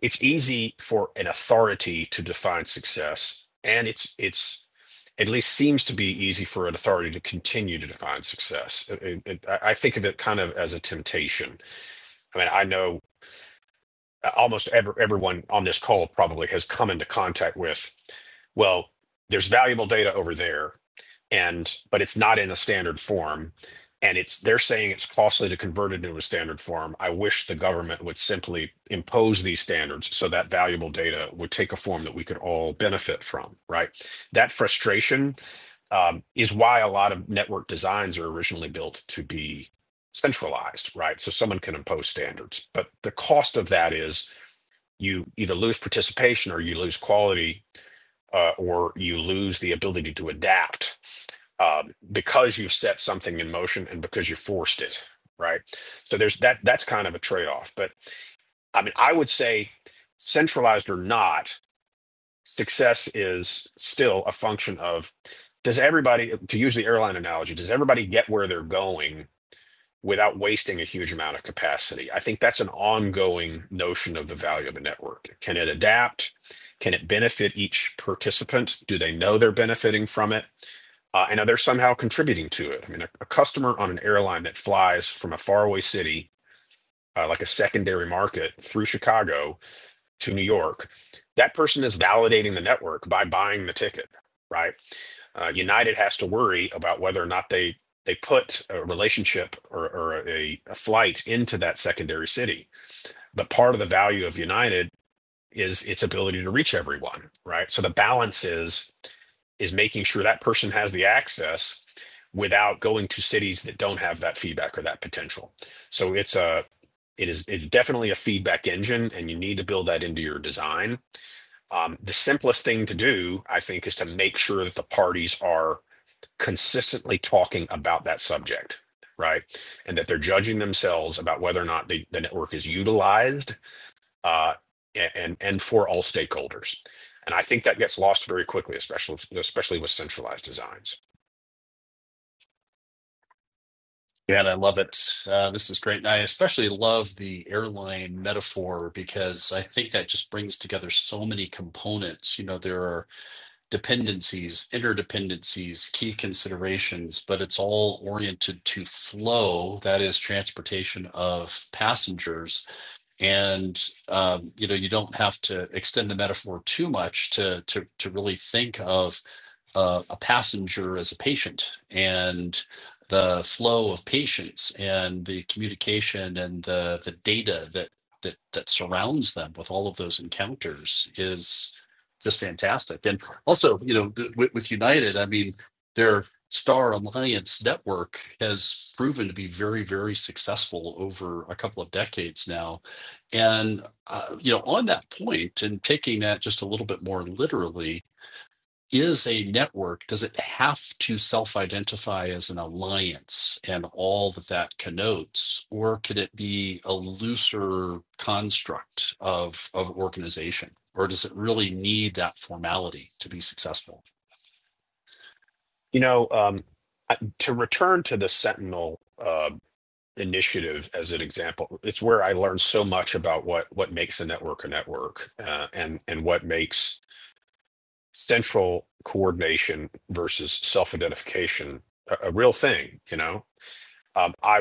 Speaker 3: it's easy for an authority to define success, and it's it's at least seems to be easy for an authority to continue to define success. It- it- it- I I think of it kind of as a temptation. I mean, I know uh, almost ever, everyone on this call probably has come into contact with, well, there's valuable data over there and but it's not in a standard form and it's they're saying it's costly to convert it into a standard form i wish the government would simply impose these standards so that valuable data would take a form that we could all benefit from right that frustration um, is why a lot of network designs are originally built to be centralized right so someone can impose standards but the cost of that is you either lose participation or you lose quality uh, or you lose the ability to adapt um, because you've set something in motion and because you forced it right so there's that that's kind of a trade-off but i mean i would say centralized or not success is still a function of does everybody to use the airline analogy does everybody get where they're going without wasting a huge amount of capacity. I think that's an ongoing notion of the value of a network. Can it adapt? Can it benefit each participant? Do they know they're benefiting from it? Uh, and are they somehow contributing to it? I mean, a, a customer on an airline that flies from a faraway city, uh, like a secondary market through Chicago, to New York, that person is validating the network by buying the ticket, right? Uh, United has to worry about whether or not they they put a relationship or, or a, a flight into that secondary city. But part of the value of United is its ability to reach everyone, right? So the balance is is making sure that person has the access without going to cities that don't have that feedback or that potential. So it's a it is it's definitely a feedback engine and you need to build that into your design um, the simplest thing to do, I think, is to make sure that the parties are consistently talking about that subject, right? And that they're judging themselves about whether or not the, the network is utilized uh, and and for all stakeholders. And I think that gets lost very quickly, especially especially with centralized designs.
Speaker 1: Yeah, and I love it. Uh, this is great. And I especially love the airline metaphor because I think that just brings together so many components. You know, there are dependencies, interdependencies, key considerations, but it's all oriented to flow, that is transportation of passengers. And um, you know, you don't have to extend the metaphor too much to to to really think of a, a passenger as a patient and the flow of patients and the communication and the the data that that that surrounds them with all of those encounters is just fantastic and also you know th- with, with united i mean their star alliance network has proven to be very very successful over a couple of decades now and uh, you know on that point and taking that just a little bit more literally is a network, does it have to self identify as an alliance and all that that connotes? Or could it be a looser construct of, of organization? Or does it really need that formality to be successful?
Speaker 3: You know, um, to return to the Sentinel uh, initiative as an example, it's where I learned so much about what what makes a network a network uh, and and what makes central coordination versus self-identification a, a real thing you know um, i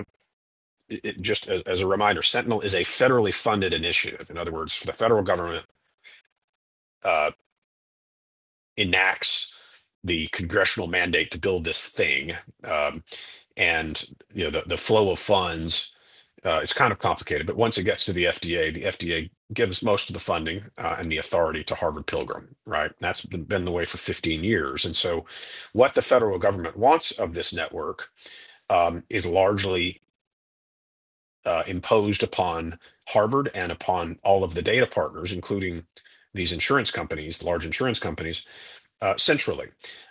Speaker 3: it, just as, as a reminder sentinel is a federally funded initiative in other words the federal government uh, enacts the congressional mandate to build this thing um, and you know the, the flow of funds Uh, it's kind of complicated, but once it gets to the FDA, the FDA gives most of the funding uh, and the authority to Harvard Pilgrim, right? That's been the way for 15 years. And so, what the federal government wants of this network um, is largely uh, imposed upon Harvard and upon all of the data partners, including these insurance companies, large insurance companies uh, centrally.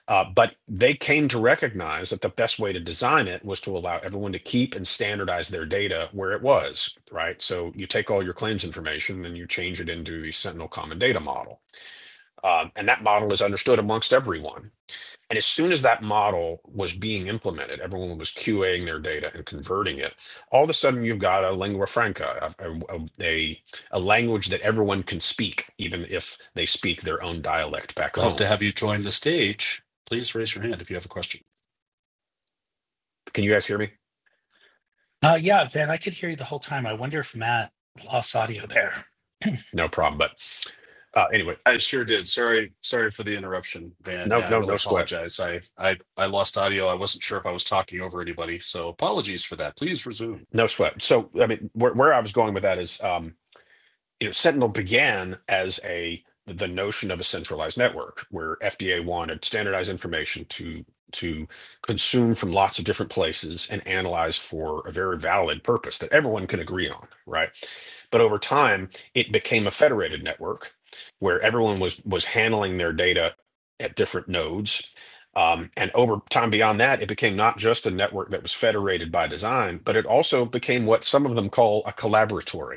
Speaker 3: Uh, but they came to recognize that the best way to design it was to allow everyone to keep and standardize their data where it was, right? So you take all your claims information and you change it into the Sentinel Common Data Model. Um, and that model is understood amongst everyone. And as soon as that model was being implemented, everyone was QAing their data and converting it. All of a sudden, you've got a lingua franca, a, a, a a language that everyone can speak, even if they speak their own dialect back
Speaker 1: Love to
Speaker 3: home.
Speaker 1: have you join the stage. Please raise your hand if you have a question.
Speaker 3: Can you guys hear me?
Speaker 2: uh yeah van i could hear you the whole time i wonder if matt lost audio there
Speaker 3: no problem. But uh, anyway,
Speaker 1: I sure did. Sorry, sorry for the interruption, Van.
Speaker 3: no,
Speaker 1: Yeah, I
Speaker 3: no,
Speaker 1: really
Speaker 3: no sweat,
Speaker 1: apologize. I, I, I lost audio. I wasn't sure if I was talking over anybody, so apologies for that. Please resume.
Speaker 3: no sweat. So, I mean, where, where I was going with that is, um, you know, Sentinel began as a the notion of a centralized network where FDA wanted standardized information to to consume from lots of different places and analyze for a very valid purpose that everyone can agree on, right? But over time, it became a federated network where everyone was was handling their data at different nodes. Um, and over time beyond that, it became not just a network that was federated by design, but it also became what some of them call a collaboratory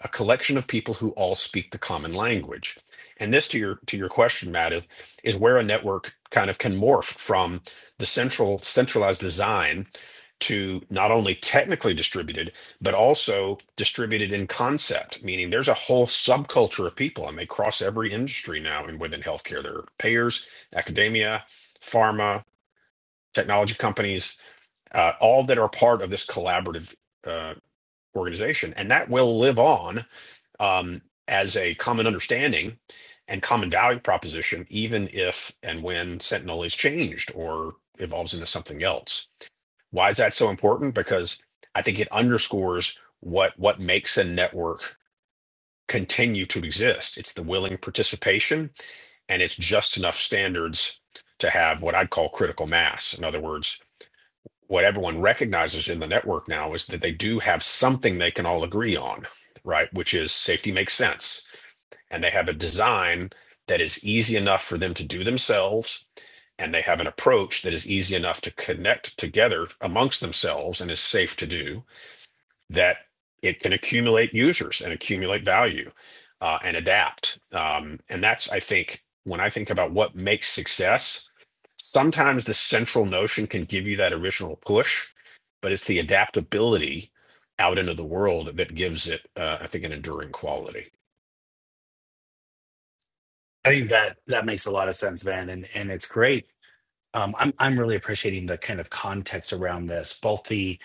Speaker 3: a collection of people who all speak the common language. And this, to your to your question, Matt, is, is where a network kind of can morph from the central centralized design to not only technically distributed, but also distributed in concept. Meaning, there's a whole subculture of people, and they cross every industry now. And within healthcare, there are payers, academia, pharma, technology companies, uh, all that are part of this collaborative uh, organization, and that will live on um, as a common understanding and common value proposition, even if and when Sentinel is changed or evolves into something else. Why is that so important? Because I think it underscores what what makes a network continue to exist. It's the willing participation and it's just enough standards to have what I'd call critical mass. In other words, what everyone recognizes in the network now is that they do have something they can all agree on, right? Which is safety makes sense and they have a design that is easy enough for them to do themselves and they have an approach that is easy enough to connect together amongst themselves and is safe to do that it can accumulate users and accumulate value uh, and adapt um, and that's i think when i think about what makes success sometimes the central notion can give you that original push but it's the adaptability out into the world that gives it uh, i think an enduring quality
Speaker 2: i think that that makes a lot of sense van and and it's great um i'm i'm really appreciating the kind of context around this both the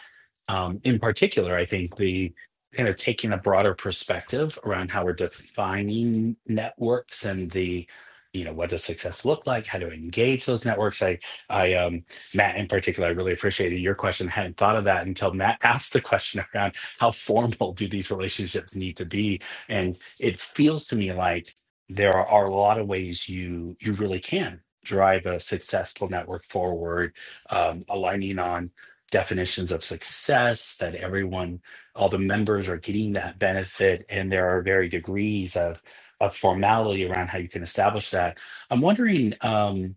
Speaker 2: um, in particular, I think the kind of taking a broader perspective around how we're defining networks and the you know what does success look like how to engage those networks i i um matt in particular i really appreciated your question I hadn't thought of that until matt [LAUGHS] asked the question around how formal do these relationships need to be and it feels to me like there are, are a lot of ways you you really can drive a successful network forward um, aligning on definitions of success that everyone all the members are getting that benefit and there are very degrees of of formality around how you can establish that i'm wondering um,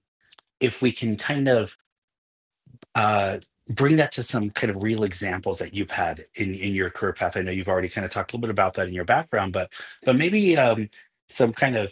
Speaker 2: if we can kind of uh, bring that to some kind of real examples that you've had in in your career path i know you've already kind of talked a little bit about that in your background but but maybe um, some kind of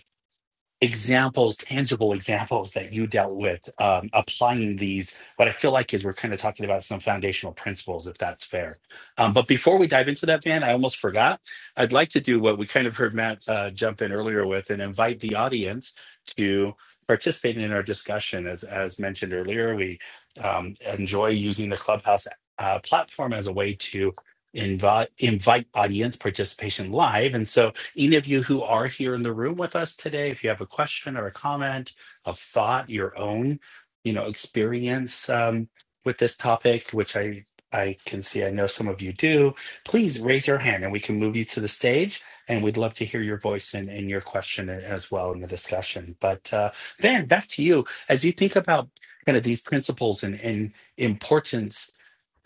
Speaker 2: examples, tangible examples that you dealt with, um, applying these. What I feel like is we're kind of talking about some foundational principles, if that's fair. Um, but before we dive into that, Van, I almost forgot. I'd like to do what we kind of heard Matt uh, jump in earlier with and invite the audience to participate in our discussion. As, as mentioned earlier, we um, enjoy using the Clubhouse uh, platform as a way to invite invite audience participation live and so any of you who are here in the room with us today, if you have a question or a comment, a thought, your own, you know, experience um, with this topic, which I I can see I know some of you do, please raise your hand and we can move you to the stage. And we'd love to hear your voice and, and your question as well in the discussion. But uh, Van, back to you. As you think about kind of these principles and, and importance,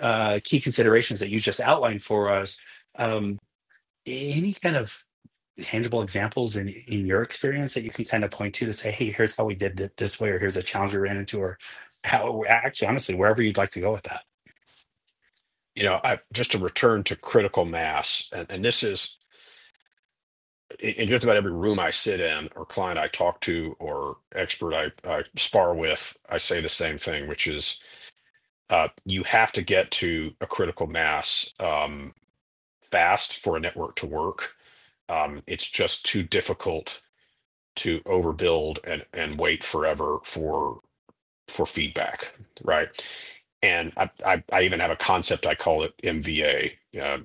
Speaker 2: uh, key considerations that you just outlined for us, um, any kind of tangible examples in in your experience that you can kind of point to to say, hey, here's how we did it this way, or here's a challenge we ran into, or how actually, honestly, wherever you'd like to go with that.
Speaker 3: you know, I've just to return to critical mass, and, and this is in just about every room I sit in, or client I talk to, or expert I, I spar with, I say the same thing, which is uh, you have to get to a critical mass um, fast for a network to work. Um, it's just too difficult to overbuild and and wait forever for for feedback, right? And I, I, I even have a concept I call it MVA. Uh,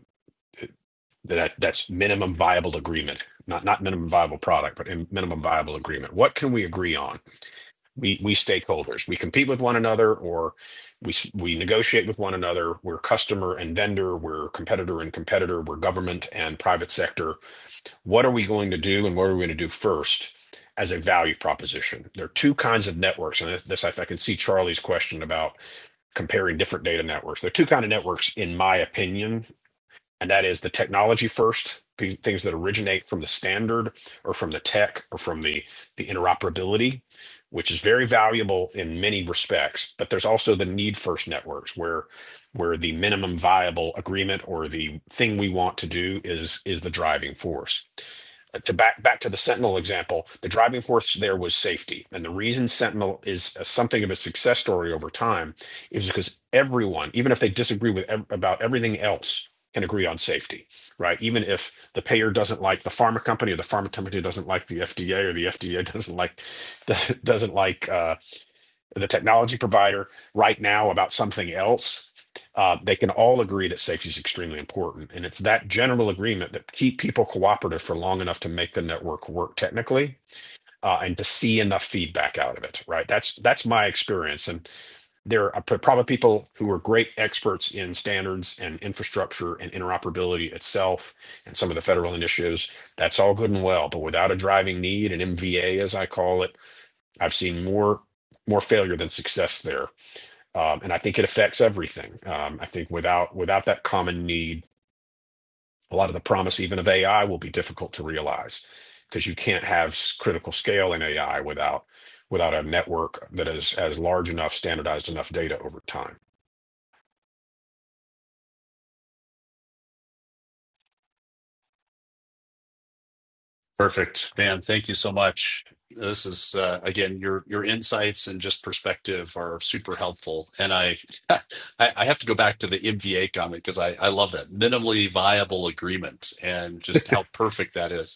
Speaker 3: that that's minimum viable agreement not not minimum viable product but in minimum viable agreement what can we agree on we we stakeholders we compete with one another or we s- we negotiate with one another we're customer and vendor we're competitor and competitor we're government and private sector what are we going to do and what are we going to do first as a value proposition there are two kinds of networks and this, this if i can see charlie's question about comparing different data networks there are two kind of networks in my opinion and that is the technology first things that originate from the standard or from the tech or from the the interoperability which is very valuable in many respects but there's also the need first networks where where the minimum viable agreement or the thing we want to do is is the driving force uh, to back back to the Sentinel example, the driving force there was safety, and the reason Sentinel is a- something of a success story over time is because everyone, even if they disagree with ev- about everything else, can agree on safety, right? Even if the payer doesn't like the pharma company, or the pharma company doesn't like the FDA, or the FDA doesn't like [LAUGHS] doesn't doesn't like. uh, the technology provider right now about something else, uh, they can all agree that safety is extremely important. And it's that general agreement that keep people cooperative for long enough to make the network work technically. Uh, and to see enough feedback out of it, right? That's that's my experience, and there are probably people who are great experts in standards and infrastructure and interoperability itself, and some of the federal initiatives. That's all good and well, but without a driving need, an MVA as I call it I've seen more more failure than success there, um, and I think it affects everything. Um, I think without without that common need, a lot of the promise even of AI will be difficult to realize because you can't have critical scale in AI without without a network that is as large enough, standardized enough data over time.
Speaker 1: Perfect, man. Thank you so much. This is uh, again your your insights and just perspective are super helpful. And I [LAUGHS] I, I have to go back to the MVA comment because I I love that minimally viable agreement and just how perfect that is.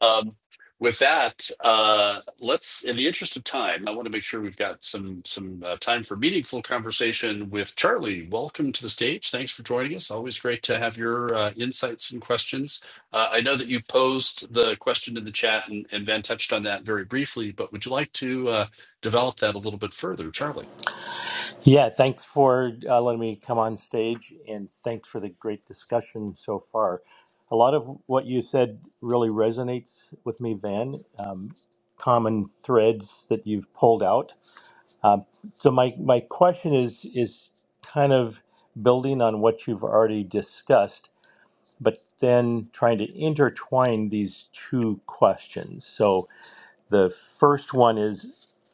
Speaker 1: Um, with that, uh, let's. In the interest of time, I want to make sure we've got some some uh, time for meaningful conversation with Charlie. Welcome to the stage. Thanks for joining us. Always great to have your uh, insights and questions. Uh, I know that you posed the question in the chat, and, and Van touched on that very briefly. But would you like to uh, develop that a little bit further, Charlie?
Speaker 4: Yeah, thanks for uh, letting me come on stage and thanks for the great discussion so far. A lot of what you said really resonates with me, Van. Um, common threads that you've pulled out. Um, so my, my question is is kind of building on what you've already discussed, but then trying to intertwine these two questions. So the first one is,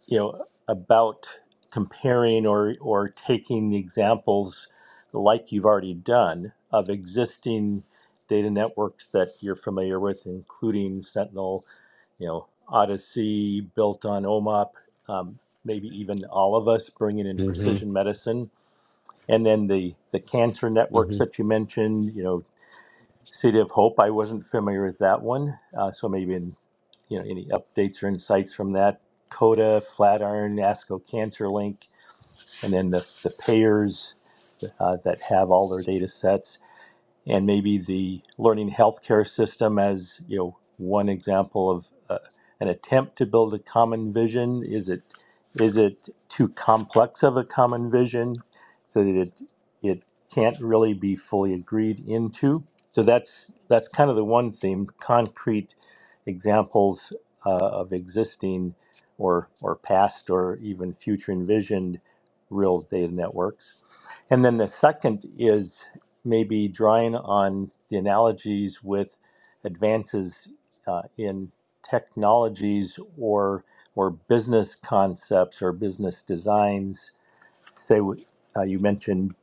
Speaker 4: you know, about comparing or or taking examples like you've already done of existing data networks that you're familiar with, including Sentinel, you know, Odyssey, built on OMOP, um, maybe even all of us bringing in
Speaker 3: hmm
Speaker 4: precision medicine. And then the, the cancer networks
Speaker 3: hmm
Speaker 4: that you mentioned, you know, City of Hope, I wasn't familiar with that one. Uh, so maybe you know, any updates or insights from that? Coda, Flatiron, ASCO CancerLink, and then the, the payers uh, that have all their data sets and maybe the learning healthcare system as you know one example of uh, an attempt to build a common vision is it is it too complex of a common vision so that it it can't really be fully agreed into so that's that's kind of the one theme concrete examples uh, of existing or or past or even future envisioned real data networks and then the second is maybe drawing on the analogies with advances uh, in technologies or or business concepts or business designs. Say uh, you mentioned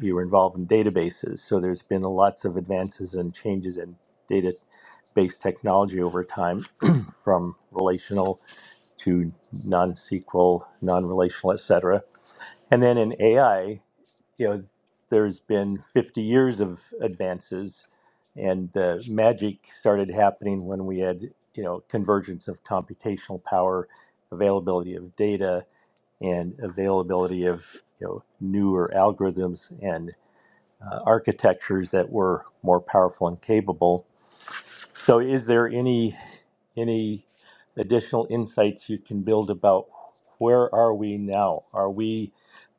Speaker 4: you were involved in databases, so there's been lots of advances and changes in database technology over time, [CLEARS THROAT] from relational to non-SQL, non-relational, etc and then in AI, you know, there's been 50 years of advances, and the magic started happening when we had, you know, convergence of computational power, availability of data, and availability of, you know, newer algorithms and uh, architectures that were more powerful and capable. So, is there any any additional insights you can build about where are we now? Are we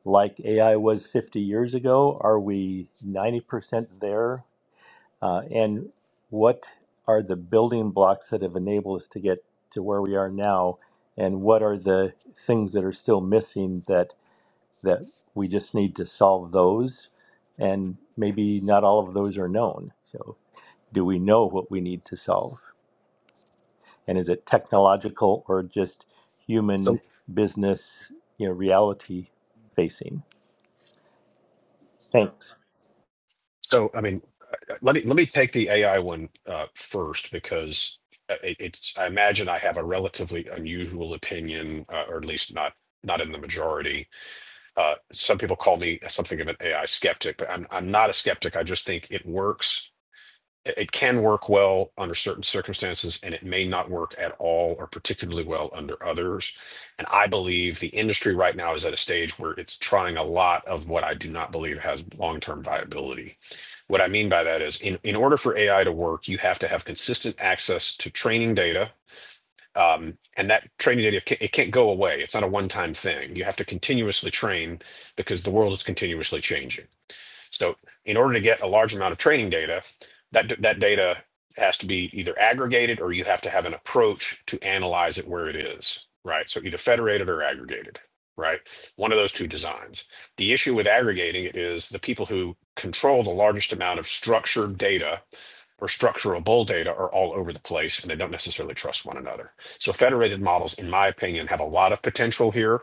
Speaker 4: like AI was 50 years ago? Are we 90% there? Uh, and what are the building blocks that have enabled us to get to where we are now? And what are the things that are still missing that that we just need to solve those? And maybe not all of those are known. So, do we know what we need to solve? and is it technological or just human
Speaker 3: So
Speaker 4: business you know reality facing thanks
Speaker 3: so I mean, let me let me take the AI one uh, first because. uh, it- It's. I imagine I have a relatively unusual opinion, uh, or at least not not in the majority uh, some people call me something of an AI skeptic, but I'm I'm not a skeptic. I just think it works. It it can work well under certain circumstances, and it may not work at all or particularly well under others. And I believe the industry right now is at a stage where it's trying a lot of what I do not believe has long-term viability. What I mean by that is, in, in order for AI to work, you have to have consistent access to training data um, and that training data ca- it can't go away it's not a one-time thing you have to continuously train because the world is continuously changing so in order to get a large amount of training data that d- that data has to be either aggregated or you have to have an approach to analyze it where it is right so either federated or aggregated right one of those two designs the issue with aggregating it is the people who control the largest amount of structured data or structure bull data are all over the place and they don't necessarily trust one another. So federated models, in my opinion, have a lot of potential here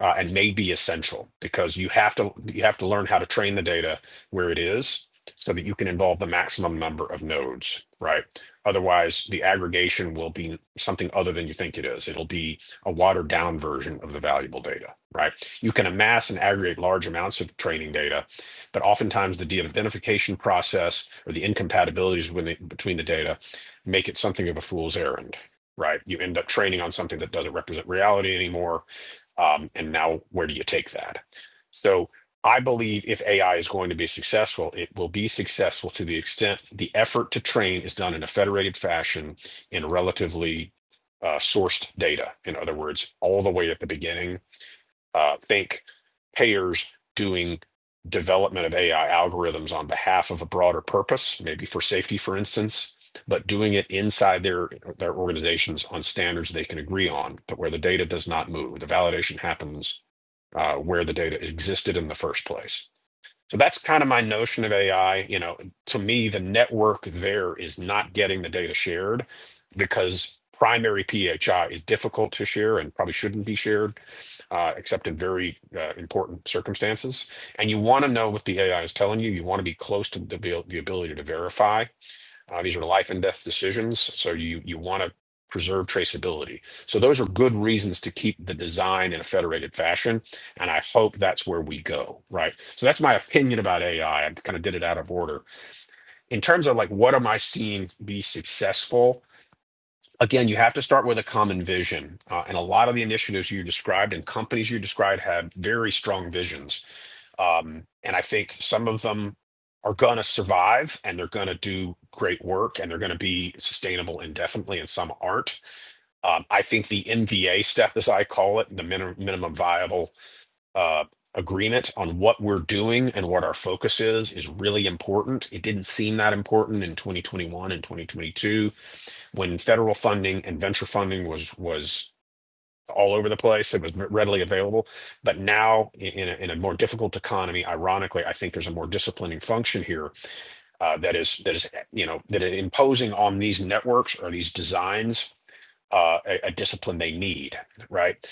Speaker 3: uh, and may be essential because you have to you have to learn how to train the data where it is so that you can involve the maximum number of nodes right otherwise the aggregation will be something other than you think it is it'll be a watered down version of the valuable data right you can amass and aggregate large amounts of training data but oftentimes the de-identification process or the incompatibilities when the- between the data make it something of a fool's errand right you end up training on something that doesn't represent reality anymore um, and now, where do you take that? So, I believe if AI is going to be successful, it will be successful to the extent the effort to train is done in a federated fashion in relatively uh, sourced data. In other words, all the way at the beginning uh, think payers doing development of AI algorithms on behalf of a broader purpose, maybe for safety, for instance, but doing it inside their their organizations on standards they can agree on, but where the data does not move. The validation happens uh, where the data existed in the first place so that's kind of my notion of AI. You know, to me, the network there is not getting the data shared because primary PHI is difficult to share and probably shouldn't be shared, uh, except in very uh, important circumstances. And you want to know what the AI is telling you. You want to be close to the, abil- the ability to verify. Uh, these are life and death decisions, so you you want to preserve traceability. So those are good reasons to keep the design in a federated fashion, and I hope that's where we go, right? So that's my opinion about AI. I I kind of did it out of order. In terms of like what am I seeing be successful? Again, you have to start with a common vision, uh, and a lot of the initiatives you described and companies you described have very strong visions um, and I think some of them are going to survive and they're going to do great work and they're going to be sustainable indefinitely, and some aren't. Um, I think the NVA step, as I call it, the minim- minimum viable uh, agreement on what we're doing and what our focus is, is really important. It didn't seem that important in 2021 and 2022 when federal funding and venture funding was was all over the place. It was readily available. But now, in a, in a more difficult economy, ironically, I think there's a more disciplining function here uh, that is that is you know that is imposing on these networks or these designs uh, a, a discipline they need, right?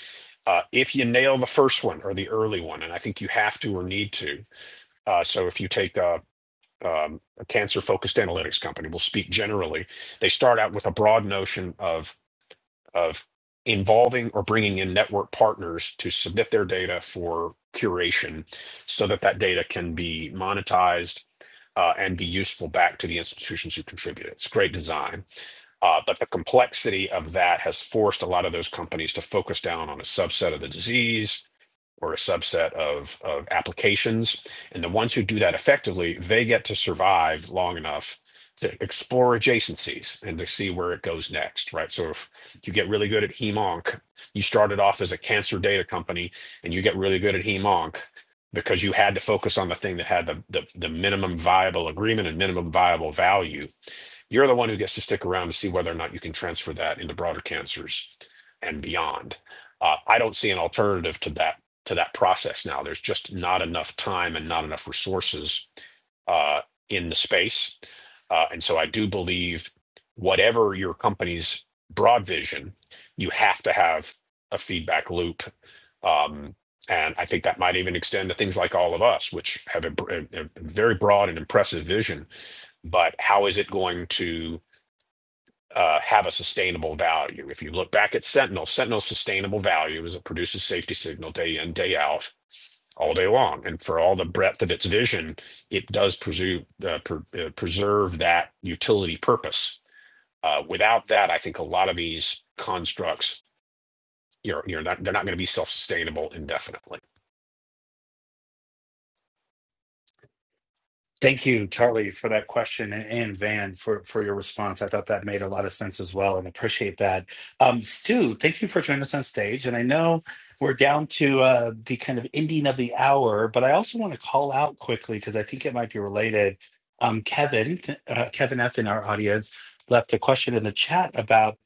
Speaker 3: Uh, if you nail the first one or the early one, and I think you have to or need to. Uh, so if you take a, um, a cancer-focused analytics company, we'll speak generally. They start out with a broad notion of of involving or bringing in network partners to submit their data for curation so that that data can be monetized uh, and be useful back to the institutions who contribute it. It's great design. Uh, but the complexity of that has forced a lot of those companies to focus down on a subset of the disease or a subset of, of applications. And the ones who do that effectively, they get to survive long enough to explore adjacencies and to see where it goes next, right? So if you get really good at HemOnc, you started off as a cancer data company and you get really good at HemOnc because you had to focus on the thing that had the, the, the minimum viable agreement and minimum viable value you're the one who gets to stick around to see whether or not you can transfer that into broader cancers and beyond. Uh, I don't see an alternative to that to that process now. There's just not enough time and not enough resources uh, in the space. Uh, and so I do believe whatever your company's broad vision, you have to have a feedback loop. Um, and I think that might even extend to things like all of us, which have a, br- a- a very broad and impressive vision but how is it going to uh, have a sustainable value? If you look back at Sentinel, Sentinel's sustainable value is it produces safety signal day in, day out, all day long. And for all the breadth of its vision, it does preserve, uh, pre- uh, preserve that utility purpose. Uh, without that, I think a lot of these constructs, you're, you're not, they're not going to be self-sustainable indefinitely.
Speaker 2: Thank you, Charlie, for that question, and, and Van for, for your response. I thought that made a lot of sense as well, and appreciate that. Um, Stu, thank you for joining us on stage. And I know we're down to uh, the kind of ending of the hour, but I also want to call out quickly because I think it might be related. Um, Kevin, uh, Kevin F. in our audience left a question in the chat about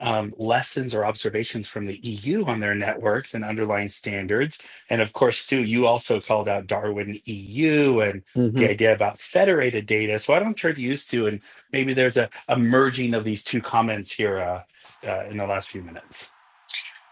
Speaker 2: um, lessons or observations from the EU on their networks and underlying standards. And of course, Stu, you also called out Darwin EU and the idea about federated data. So I don't turn used to, and maybe there's a, a merging of these two comments here uh, uh, in the last few minutes.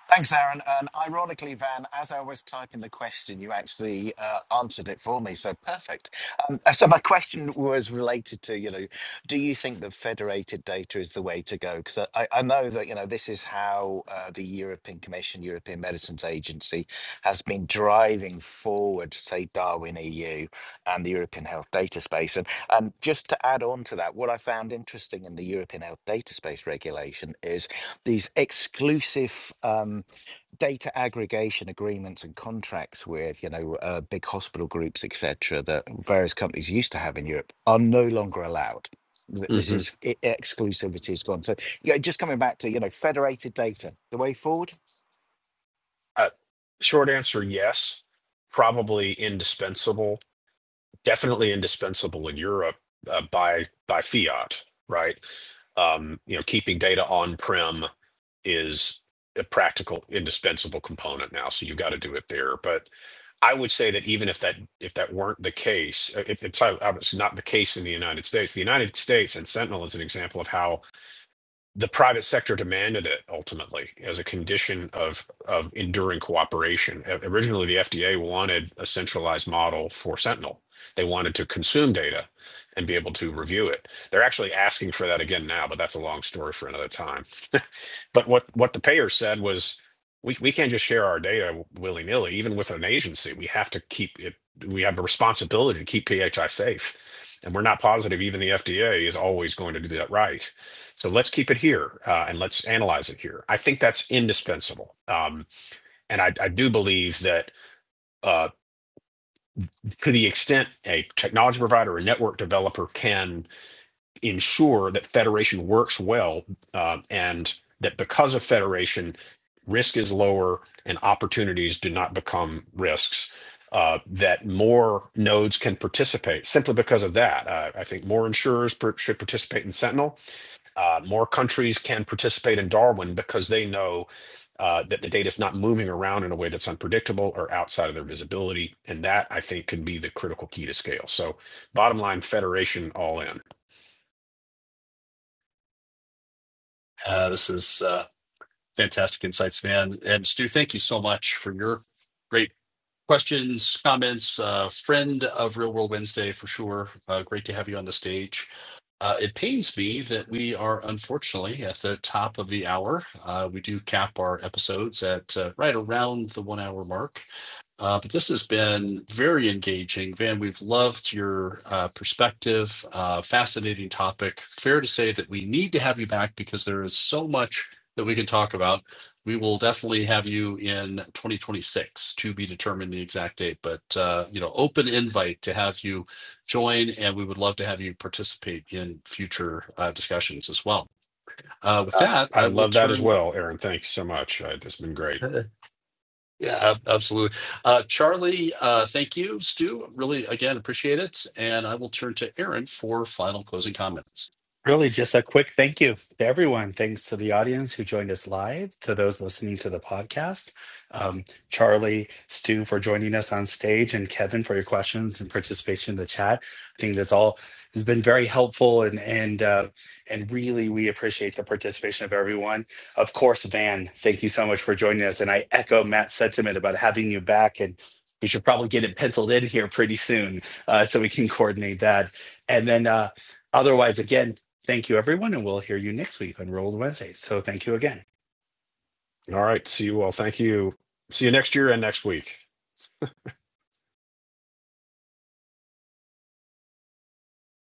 Speaker 5: Thanks, Aaron. And ironically, Van, as I was typing the question, you actually uh, answered it for me. So perfect. Um, uh, so my question was related to, you know, do you think that federated data is the way to go? Because I, I I know that, you know, this is how uh, the European Commission, European Medicines Agency, has been driving forward, say, Darwin EU and the European Health Data Space. And, and just to add on to that, what I found interesting in the European Health Data Space regulation is these exclusive um, data aggregation agreements and contracts with you know uh, big hospital groups etc that various companies used to have in europe are no longer allowed Th- this
Speaker 3: Mhm.
Speaker 5: is i- exclusivity is gone so yeah just coming back to you know federated data the way forward
Speaker 3: Uh, short answer, yes. Probably indispensable definitely indispensable in Europe uh, by by fiat, right? Um, you know, keeping data on prem is a practical indispensable component now, so you got to do it there. But I would say that even if that if that weren't the case, uh, if it's obviously not the case in the United States, the United States and Sentinel is an example of how the private sector demanded it ultimately as a condition of of enduring cooperation. O- Originally, the FDA wanted a centralized model for Sentinel. They wanted to consume data and be able to review it. They're actually asking for that again now, but that's a long story for another time. [LAUGHS] but what what the payer said was, we we can't just share our data willy nilly, even with an agency. We have to keep it. We have a responsibility to keep PHI safe, and we're not positive even the FDA is always going to do that right so let's keep it here uh, and let's analyze it here. I think that's indispensable. Um, and I, I do believe that uh, to the extent a technology provider, or a network developer can ensure that federation works well uh, and that because of federation, risk is lower and opportunities do not become risks. Uh, that more nodes can participate simply because of that. Uh, I think more insurers per- should participate in Sentinel Uh, more countries can participate in Darwin because they know uh, that the data is not moving around in a way that's unpredictable or outside of their visibility. And that, I think, could be the critical key to scale. So, bottom line, federation all in.
Speaker 1: Uh, this is uh, fantastic insights, Van and Stu. Thank you so much for your great questions, comments, uh, friend of Real World Wednesday for sure. Uh, great to have you on the stage. Uh, it pains me that we are unfortunately at the top of the hour. Uh, we do cap our episodes at uh, right around the one hour mark. Uh, but this has been very engaging. Van, we've loved your uh, perspective, uh, fascinating topic. Fair to say that we need to have you back because there is so much that we can talk about we will definitely have you in 2026 to be determined the exact date, but uh, you know, open invite to have you join, and we would love to have you participate in future uh, discussions as well. Uh, with
Speaker 3: Uh,
Speaker 1: that,
Speaker 3: I
Speaker 1: I will
Speaker 3: love that as
Speaker 1: turn.
Speaker 3: well, Aaron. Thank you so much. Uh, it's been great.
Speaker 1: [LAUGHS] Yeah, ab- absolutely. Uh, Charlie, uh, thank you. Stu, really, again, appreciate it. And I will turn to Aaron for final closing comments.
Speaker 2: Really, just a quick thank you to everyone. Thanks to the audience who joined us live, to those listening to the podcast, um, Charlie, Stu for joining us on stage, and Kevin for your questions and participation in the chat. I think that's all has been very helpful, and and uh, and really we appreciate the participation of everyone. Of course, Van, thank you so much for joining us, and I echo Matt's sentiment about having you back and. We should probably get it penciled in here pretty soon, uh, so we can coordinate that. And then, uh, otherwise, again, Thank you, everyone, and we'll hear you next week on Roll Wednesday. So thank you again.
Speaker 3: All right. See you all. Thank you. See you next year and next week.